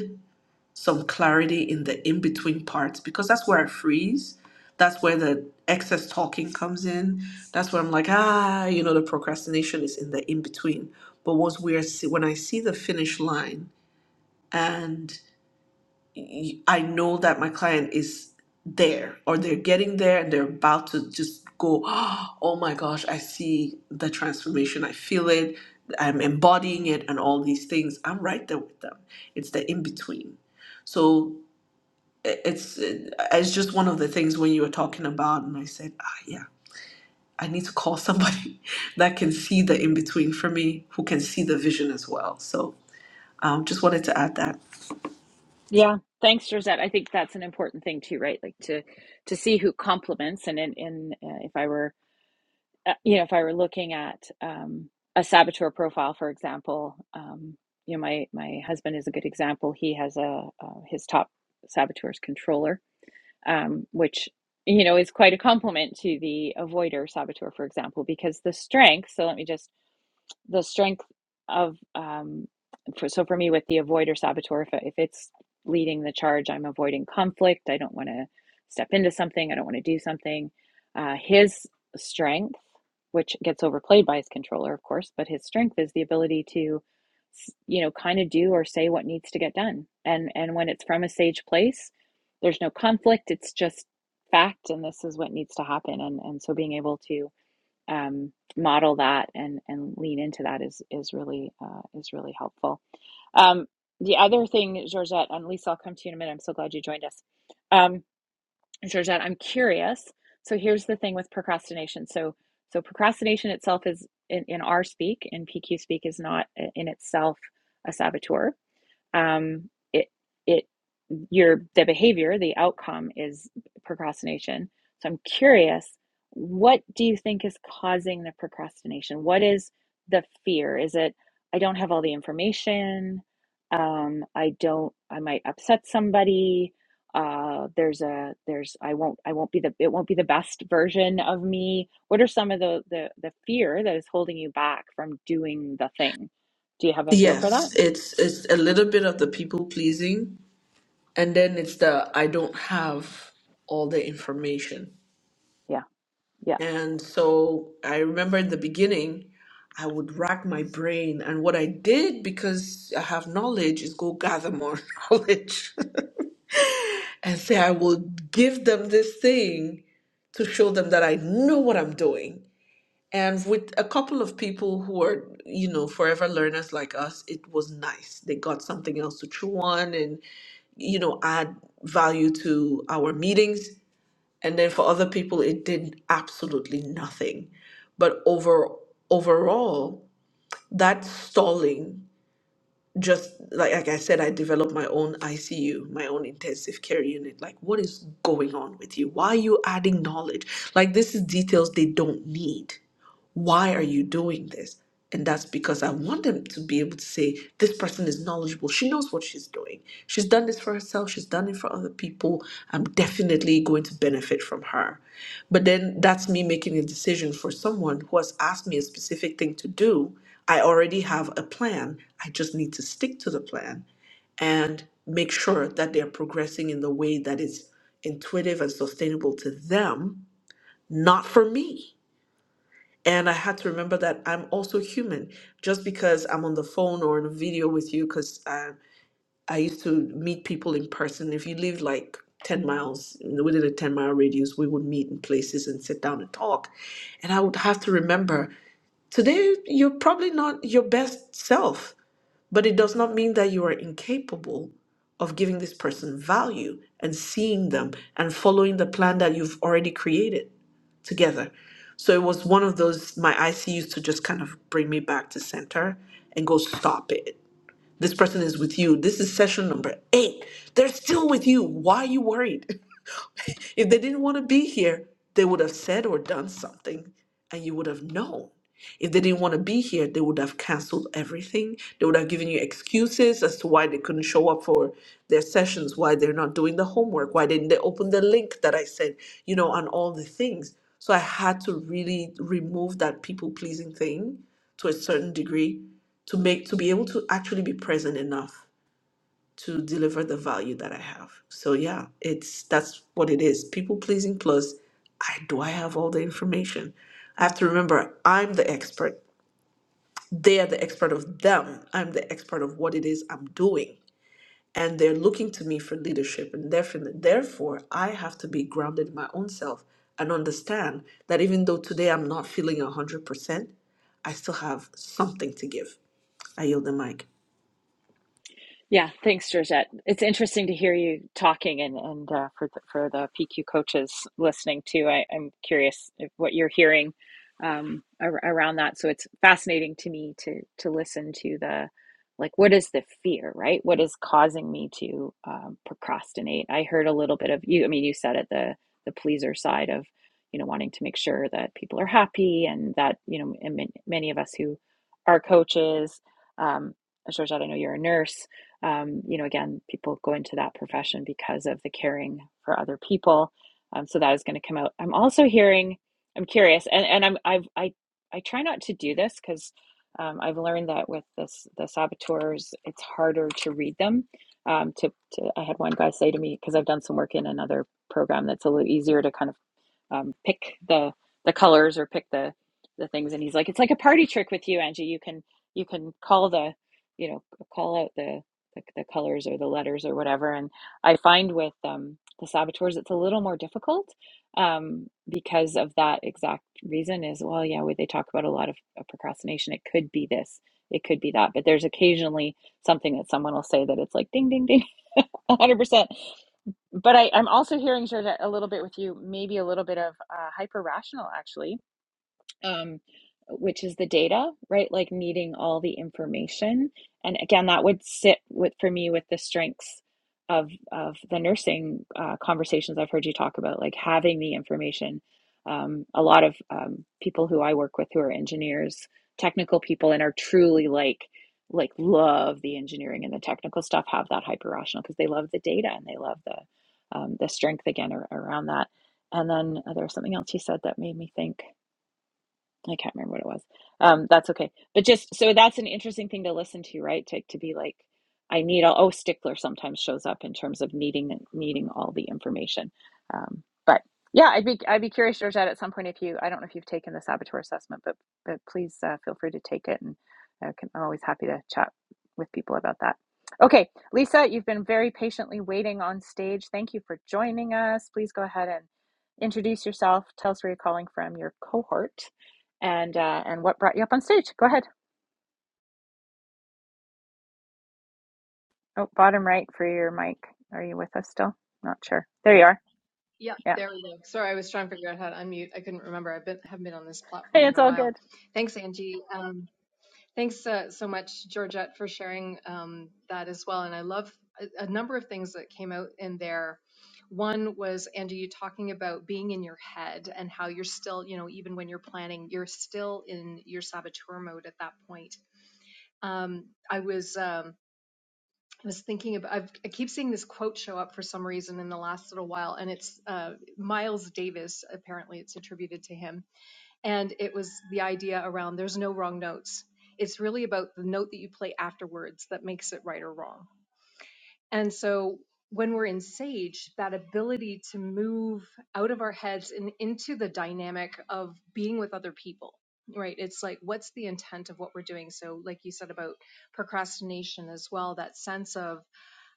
some clarity in the in between parts because that's where I freeze. That's where the excess talking comes in. That's where I'm like, ah, you know, the procrastination is in the in between. But once we are, see- when I see the finish line and y- I know that my client is there or they're getting there and they're about to just go, oh my gosh, I see the transformation. I feel it. I'm embodying it and all these things. I'm right there with them. It's the in between. So i- it's uh, it's just one of the things when you were talking about and I said, ah, yeah, I need to call somebody that can see the in between for me, who can see the vision as well. So um, just wanted to add that. Yeah, thanks, Georgette. I think that's an important thing too, right? Like to to see who compliments, and in in uh, if I were uh, you know, if I were looking at um, a saboteur profile, for example, um, you know, my my husband is a good example. He has a uh, his top saboteur's controller, um, which you know is quite a compliment to the avoider saboteur, for example, because the strength. So let me just the strength of um for, so for me with the avoider saboteur if, if it's leading the charge i'm avoiding conflict i don't want to step into something i don't want to do something uh, his strength which gets overplayed by his controller of course but his strength is the ability to you know kind of do or say what needs to get done and and when it's from a sage place there's no conflict it's just fact and this is what needs to happen and and so being able to um, model that and and lean into that is is really uh, is really helpful. Um, the other thing, Georgette, and Lisa, I'll come to you in a minute. I'm so glad you joined us, um, Georgette. I'm curious. So here's the thing with procrastination. So so procrastination itself is in, in our speak in PQ speak is not uh, in itself a saboteur um, it it your the behavior the outcome is procrastination so i'm curious what do you think is causing the procrastination what is the fear is it i don't have all the information um, i don't i might upset somebody uh, there's a there's i won't i won't be the it won't be the best version of me what are some of the the, the fear that is holding you back from doing the thing do you have a feel for that Yes, it's it's a little bit of the people pleasing, and then it's the I don't have all the information. yeah yeah And so I remember in the beginning, I would rack my brain, and what I did because I have knowledge is go gather more knowledge and say I will give them this thing to show them that I know what I'm doing. And with a couple of people who are, you know, forever learners like us, it was nice. They got something else to chew on, and you know, add value to our meetings. And then for other people, it did absolutely nothing. But over overall, that stalling just like like I said, I developed my own ICU, my own intensive care unit. Like, what is going on with you? Why are you adding knowledge? Like, this is details they don't need. Why are you doing this? And that's because I want them to be able to say, this person is knowledgeable. She knows what she's doing. She's done this for herself, she's done it for other people. I'm definitely going to benefit from her. But then that's me making a decision for someone who has asked me a specific thing to do. I already have a plan, I just need to stick to the plan and make sure that they're progressing in the way that is intuitive and sustainable to them, not for me. And I had to remember that I'm also human. Just because I'm on the phone or in a video with you, because I, I used to meet people in person. If you live like 10 miles within a 10 mile radius, we would meet in places and sit down and talk. And I would have to remember today, you're probably not your best self, but it does not mean that you are incapable of giving this person value and seeing them and following the plan that you've already created together. So it was one of those, my IC used to just kind of bring me back to center and go, stop it. This person is with you. This is session number eight. They're still with you. Why are you worried? If they didn't want to be here, they would have said or done something, and you would have known. If they didn't want to be here, they would have canceled everything. They would have given you excuses as to why they couldn't show up for their sessions, why they're not doing the homework, why didn't they open the link that I sent, you know, and all the things. So I had to really remove that people pleasing thing to a certain degree to make to be able to actually be present enough to deliver the value that I have. So yeah, it's that's what it is. People pleasing plus I do I have all the information. I have to remember I'm the expert. They are the expert of them. I'm the expert of what it is I'm doing. And they're looking to me for leadership. And therefore, therefore I have to be grounded in my own self and understand that even though today I'm not feeling 100%, I still have something to give. I yield the mic. Yeah, thanks, Georgette. It's interesting to hear you talking, and and uh, for the, for the PQ coaches listening too. I, I'm curious if what you're hearing um, ar- around that. So it's fascinating to me to to listen to the like what is the fear, right? What is causing me to um, procrastinate? I heard a little bit of you. I mean, you said it the the pleaser side of you know wanting to make sure that people are happy, and that you know, and man- many of us who are coaches. Um, Georgette, I know you're a nurse um, you know, again, people go into that profession because of the caring for other people. Um, so that is going to come out. I'm also hearing, I'm curious, and, and I'm I've I I try not to do this because um, I've learned that with this the saboteurs, it's harder to read them. Um, to, to I had one guy say to me because I've done some work in another program that's a little easier to kind of um, pick the the colors or pick the the things and he's like it's like a party trick with you angie you can you can call the you know call out the the, the colors or the letters or whatever and i find with um, the saboteurs it's a little more difficult um, because of that exact reason is well yeah we, they talk about a lot of, of procrastination it could be this it could be that but there's occasionally something that someone will say that it's like ding ding ding 100% but I, I'm also hearing, Georgette, a little bit with you, maybe a little bit of uh, hyper rational actually, um, which is the data, right? Like needing all the information. And again, that would sit with for me with the strengths of of the nursing uh, conversations I've heard you talk about, like having the information. Um, a lot of um, people who I work with who are engineers, technical people, and are truly like like love the engineering and the technical stuff have that hyper rational because they love the data and they love the um, the strength again ar- around that. And then uh, there was something else you said that made me think. I can't remember what it was. Um, that's okay. But just so that's an interesting thing to listen to, right? To to be like, I need all. Oh, Stickler sometimes shows up in terms of needing needing all the information. Um, but yeah, I'd be I'd be curious, Georgette, at some point if you I don't know if you've taken the saboteur assessment, but but please uh, feel free to take it, and I can, I'm always happy to chat with people about that. Okay, Lisa, you've been very patiently waiting on stage. Thank you for joining us. Please go ahead and introduce yourself. Tell us where you're calling from, your cohort, and uh, and what brought you up on stage. Go ahead. Oh, bottom right for your mic. Are you with us still? Not sure. There you are. Yeah, Yeah. there we go. Sorry, I was trying to figure out how to unmute. I couldn't remember. I've been haven't been on this Hey, platform in it's a all while. good. Thanks, Angie. Um, thanks uh, so much, Georgette, for sharing um, that as well. And I love a, a number of things that came out in there. One was Angie, you talking about being in your head and how you're still, you know, even when you're planning, you're still in your saboteur mode at that point. Um, I was. Um, I was thinking about, I've, I keep seeing this quote show up for some reason in the last little while, and it's uh, Miles Davis. Apparently, it's attributed to him. And it was the idea around there's no wrong notes. It's really about the note that you play afterwards that makes it right or wrong. And so when we're in Sage, that ability to move out of our heads and into the dynamic of being with other people, right? It's like, what's the intent of what we're doing? So, like you said about procrastination as well, that sense of,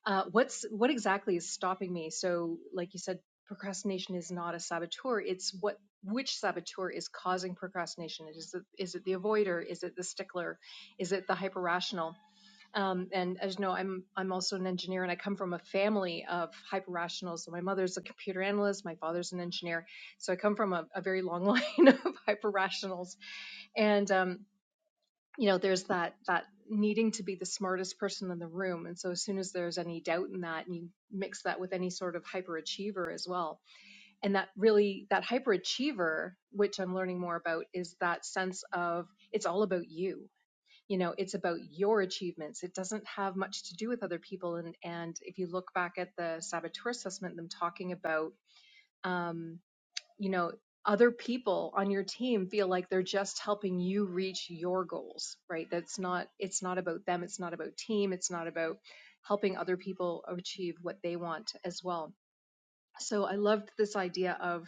uh, what's what exactly is stopping me? So, like you said, procrastination is not a saboteur. It's what which saboteur is causing procrastination? Is it is it the avoider? Is it the stickler? Is it the hyper rational? Um, and as you know, I'm I'm also an engineer, and I come from a family of hyper rationals. So my mother's a computer analyst, my father's an engineer, so I come from a, a very long line of hyper rationals. And um, you know there's that that needing to be the smartest person in the room and so as soon as there's any doubt in that and you mix that with any sort of hyperachiever as well and that really that hyperachiever which i'm learning more about is that sense of it's all about you you know it's about your achievements it doesn't have much to do with other people and and if you look back at the saboteur assessment them talking about um you know other people on your team feel like they're just helping you reach your goals right that's not it's not about them it's not about team it's not about helping other people achieve what they want as well so i loved this idea of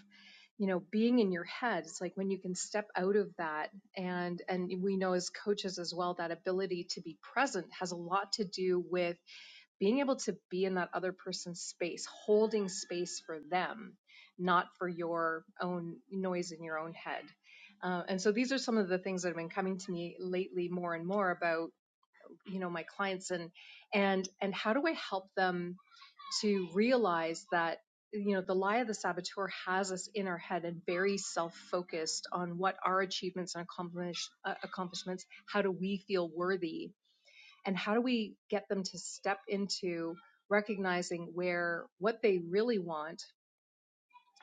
you know being in your head it's like when you can step out of that and and we know as coaches as well that ability to be present has a lot to do with being able to be in that other person's space, holding space for them, not for your own noise in your own head. Uh, and so these are some of the things that have been coming to me lately more and more about, you know, my clients and and and how do I help them to realize that you know the lie of the saboteur has us in our head and very self-focused on what our achievements and accomplish, uh, accomplishments how do we feel worthy and how do we get them to step into recognizing where what they really want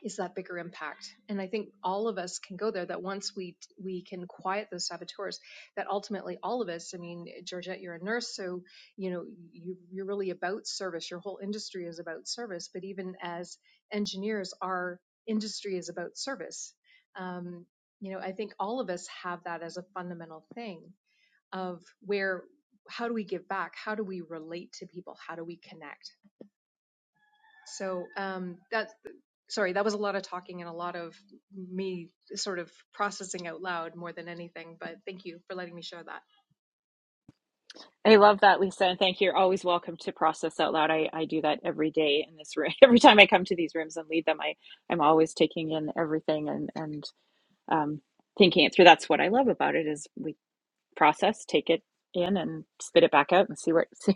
is that bigger impact and i think all of us can go there that once we we can quiet those saboteurs that ultimately all of us i mean georgette you're a nurse so you know you, you're really about service your whole industry is about service but even as engineers our industry is about service um, you know i think all of us have that as a fundamental thing of where how do we give back how do we relate to people how do we connect so um that's sorry that was a lot of talking and a lot of me sort of processing out loud more than anything but thank you for letting me share that I love that, Lisa, and thank you. You're always welcome to Process Out Loud. I, I do that every day in this room. Every time I come to these rooms and lead them, I, I'm always taking in everything and, and um, thinking it through. That's what what. I love about it is we process, take it it in, and and spit it back out and see what see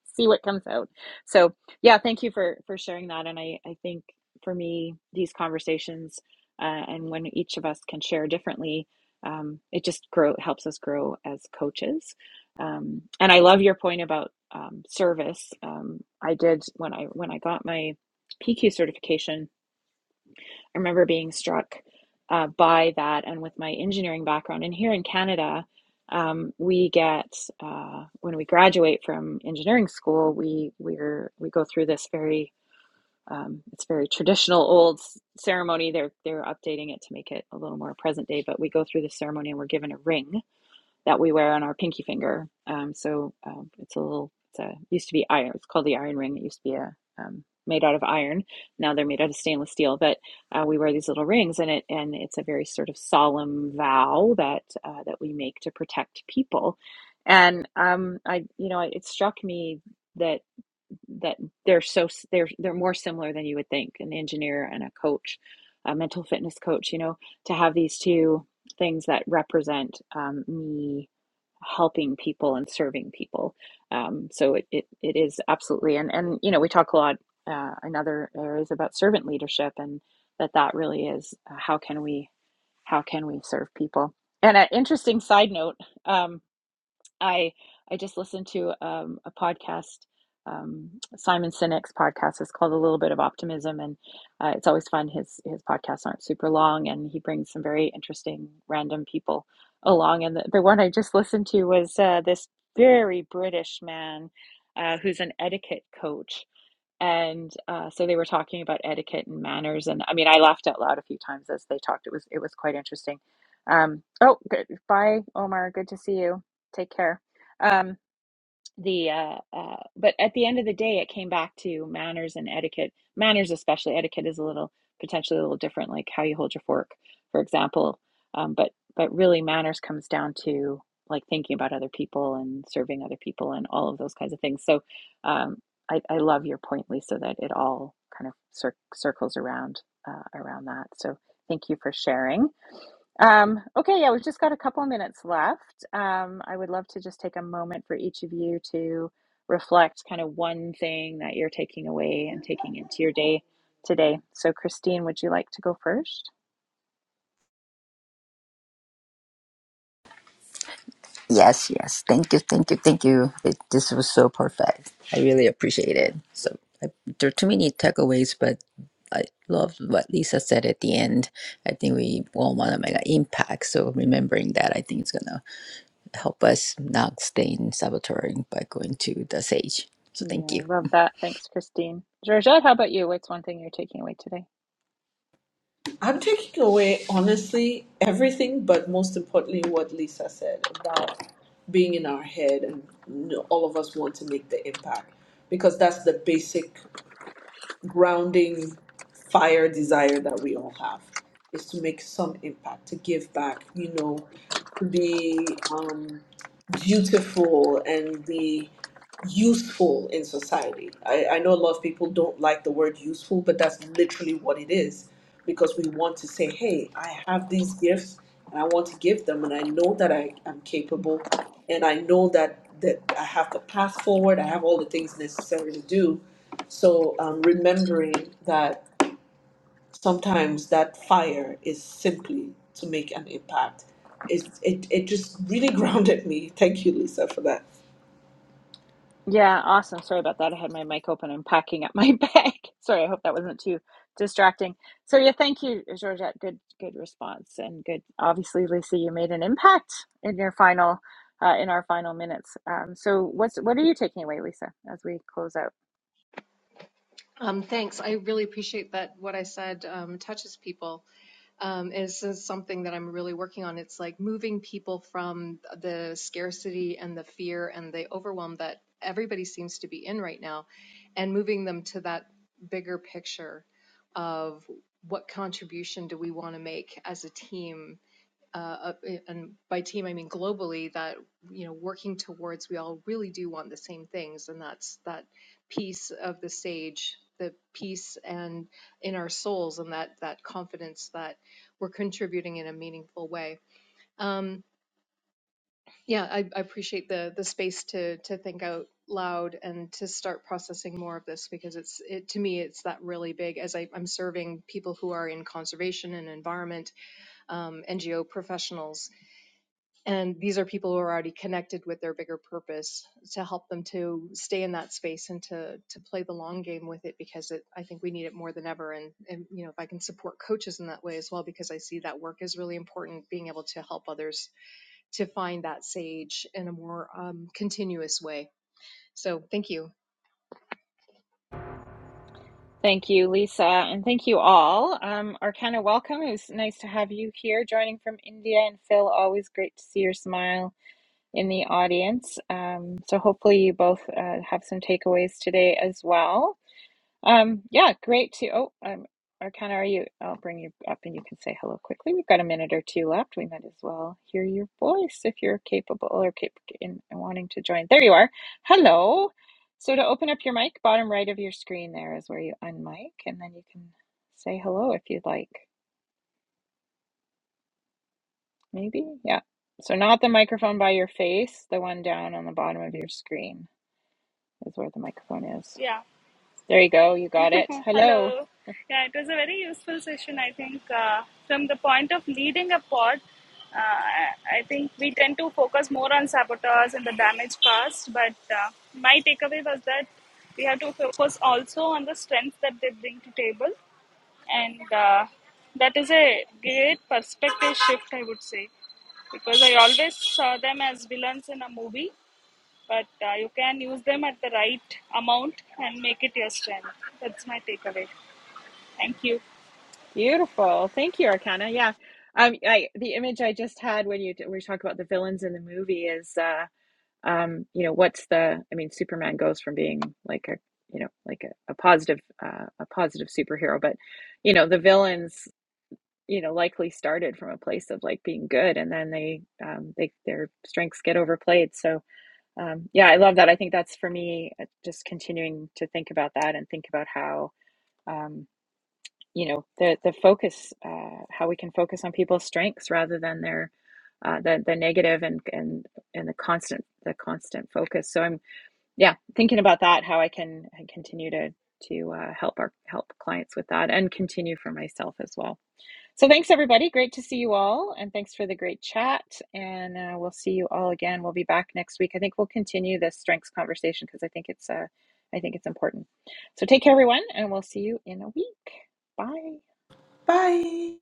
see what comes out. So yeah, thank you for for sharing that. And I I think for me these conversations uh, and when each of us can share differently, um, it just grow helps us grow as coaches. Um, and I love your point about um, service. Um, I did when I when I got my PQ certification. I remember being struck uh, by that, and with my engineering background. And here in Canada, um, we get uh, when we graduate from engineering school, we we're we go through this very um, it's very traditional old ceremony. They're they're updating it to make it a little more present day, but we go through the ceremony and we're given a ring that we wear on our pinky finger. Um, so um, it's a little, it's a, used to be iron. It's called the iron ring. It used to be a, um, made out of iron. Now they're made out of stainless steel, but uh, we wear these little rings and it, and it's a very sort of solemn vow that, uh, that we make to protect people. And um, I, you know, it struck me that, that they're so, they're, they're more similar than you would think. An engineer and a coach, a mental fitness coach, you know, to have these two things that represent um, me helping people and serving people. Um, so it, it, it is absolutely, and, and, you know, we talk a lot uh, in other areas about servant leadership and that that really is uh, how can we, how can we serve people? And an interesting side note, um, I I just listened to um, a podcast, um, Simon Sinek's podcast. It's called A Little Bit of Optimism, and uh, it's always fun. His his podcasts aren't super long, and he brings some very interesting random people along. And the, the one I just listened to was uh, this very British man uh, who's an etiquette coach, and uh, so they were talking about etiquette and manners and i mean i laughed out loud a few times as they talked it was it was quite interesting um, oh good bye omar good to see you take care Um, the uh, uh, but at the end of the day, it came back to manners and etiquette. Manners, especially etiquette, is a little potentially a little different, like how you hold your fork, for example. Um, but but really, manners comes down to like thinking about other people and serving other people and all of those kinds of things. So um, I, I love your point, Lisa, that it all kind of cir- circles around uh, around that. So thank you for sharing. Um, okay, yeah, we've just got a couple of minutes left. Um, I would love to just take a moment for each of you to reflect kind of one thing that you're taking away and taking into your day today. So, Christine, would you like to go first? Yes, yes. Thank you, thank you, thank you. It, this was so perfect. I really appreciate it. So I, there are too many takeaways, but I love what Lisa said at the end. I think we all want to make an impact. So remembering that, I think it's gonna help us not stay in saboteur by going to the sage. So Yeah, thank you. love that. Thanks, Christine. Georgette, how about you? What's one thing you're taking away today? I'm taking away, honestly, everything, but most importantly, what Lisa said about being in our head and you know, all of us want to make the impact because that's the basic grounding fire desire that we all have is to make some impact, to give back, you know, to be um, beautiful and be useful in society. I, I know a lot of people don't like the word useful, but that's literally what it is because we want to say, hey, I have these gifts and I want to give them, and I know that I am capable and I know that, that I have the path forward, I have all the things necessary to do so um, remembering that sometimes that fire is simply to make an impact. It, it, it just really grounded me. Thank you, Lisa, for that. Yeah, awesome. Sorry about that. I had my mic open. I'm packing up my bag. Sorry, I hope that wasn't too distracting. So yeah, thank you, Georgette. Good, good response and good. Obviously, Lisa, you made an impact in your final, uh, in our final minutes. Um, so what's what are you taking away, Lisa, as we close out? um thanks i really appreciate that what i said um touches people um, is is something that I'm really working on. It's like moving people from the scarcity and the fear and the overwhelm that everybody seems to be in right now, and moving them to that bigger picture of what contribution do we want to make as a team uh, uh, and by team I mean globally, that you know working towards we all really do want the same things, and that's that piece of the stage, the peace and in our souls, and that that confidence that we're contributing in a meaningful way. Yeah, I, I appreciate the the space to to think out loud and to start processing more of this because it's it to me it's that really big as I, I'm serving people who are in conservation and environment um, NGO professionals And these are people who are already connected with their bigger purpose to help them to stay in that space and to to play the long game with it because it, I think we need it more than ever. And, and you know, if I can support coaches in that way as well, because I see that work is really important, being able to help others to find that sage in a more um, continuous way. So thank you. Thank you, Lisa, and thank you all. Um, Arcana, welcome. It was nice to have you here, joining from India, and Phil. Always great to see your smile in the audience. Um, so hopefully you both uh, have some takeaways today as well. Um, yeah, great to. Oh, um, Arcana, are you? I'll bring you up and you can say hello quickly. We've got a minute or two left. We might as well hear your voice if you're capable or cap- in, in wanting to join. There you are. Hello. So to open up your mic, bottom right of your screen there is where you unmic, and then you can say hello if you'd like. Maybe, yeah. So not the microphone by your face, the one down on the bottom of your screen. is where the microphone is. Yeah. There you go. You got it. Hello. Hello. Yeah, it was a very useful session, I think. Uh, from the point of leading a pod, uh, I I think we tend to focus more on saboteurs and the damage caused. But uh, my takeaway was that we have to focus also on the strengths that they bring to table, and uh, that is a great perspective shift, I would say, because I always saw them as villains in a movie, but uh, you can use them at the right amount and make it your strength. That's my takeaway. Thank you. Beautiful. Thank you, Arcana. Yeah. Um, I, the image I just had when you we talk about the villains in the movie is, uh, um, you know, what's the? I mean, Superman goes from being like a, you know, like a, a positive, uh, a positive superhero, but you know, the villains, you know, likely started from a place of like being good, and then they, um, they their strengths get overplayed. So, um, yeah, I love that. I think that's for me uh, just continuing to think about that and think about how um, you know the the focus uh, how we can focus on people's strengths rather than their uh, the the negative and and and the constant the constant focus. So I'm yeah thinking about that how I can I continue to to uh, help our help clients with that and continue for myself as well. So thanks everybody. Great to see you all, and thanks for the great chat. And uh, we'll see you all again. We'll be back next week. I think we'll continue this strengths conversation because I think it's uh, I think it's important. So take care, everyone, and we'll see you in a week. Bye. Bye.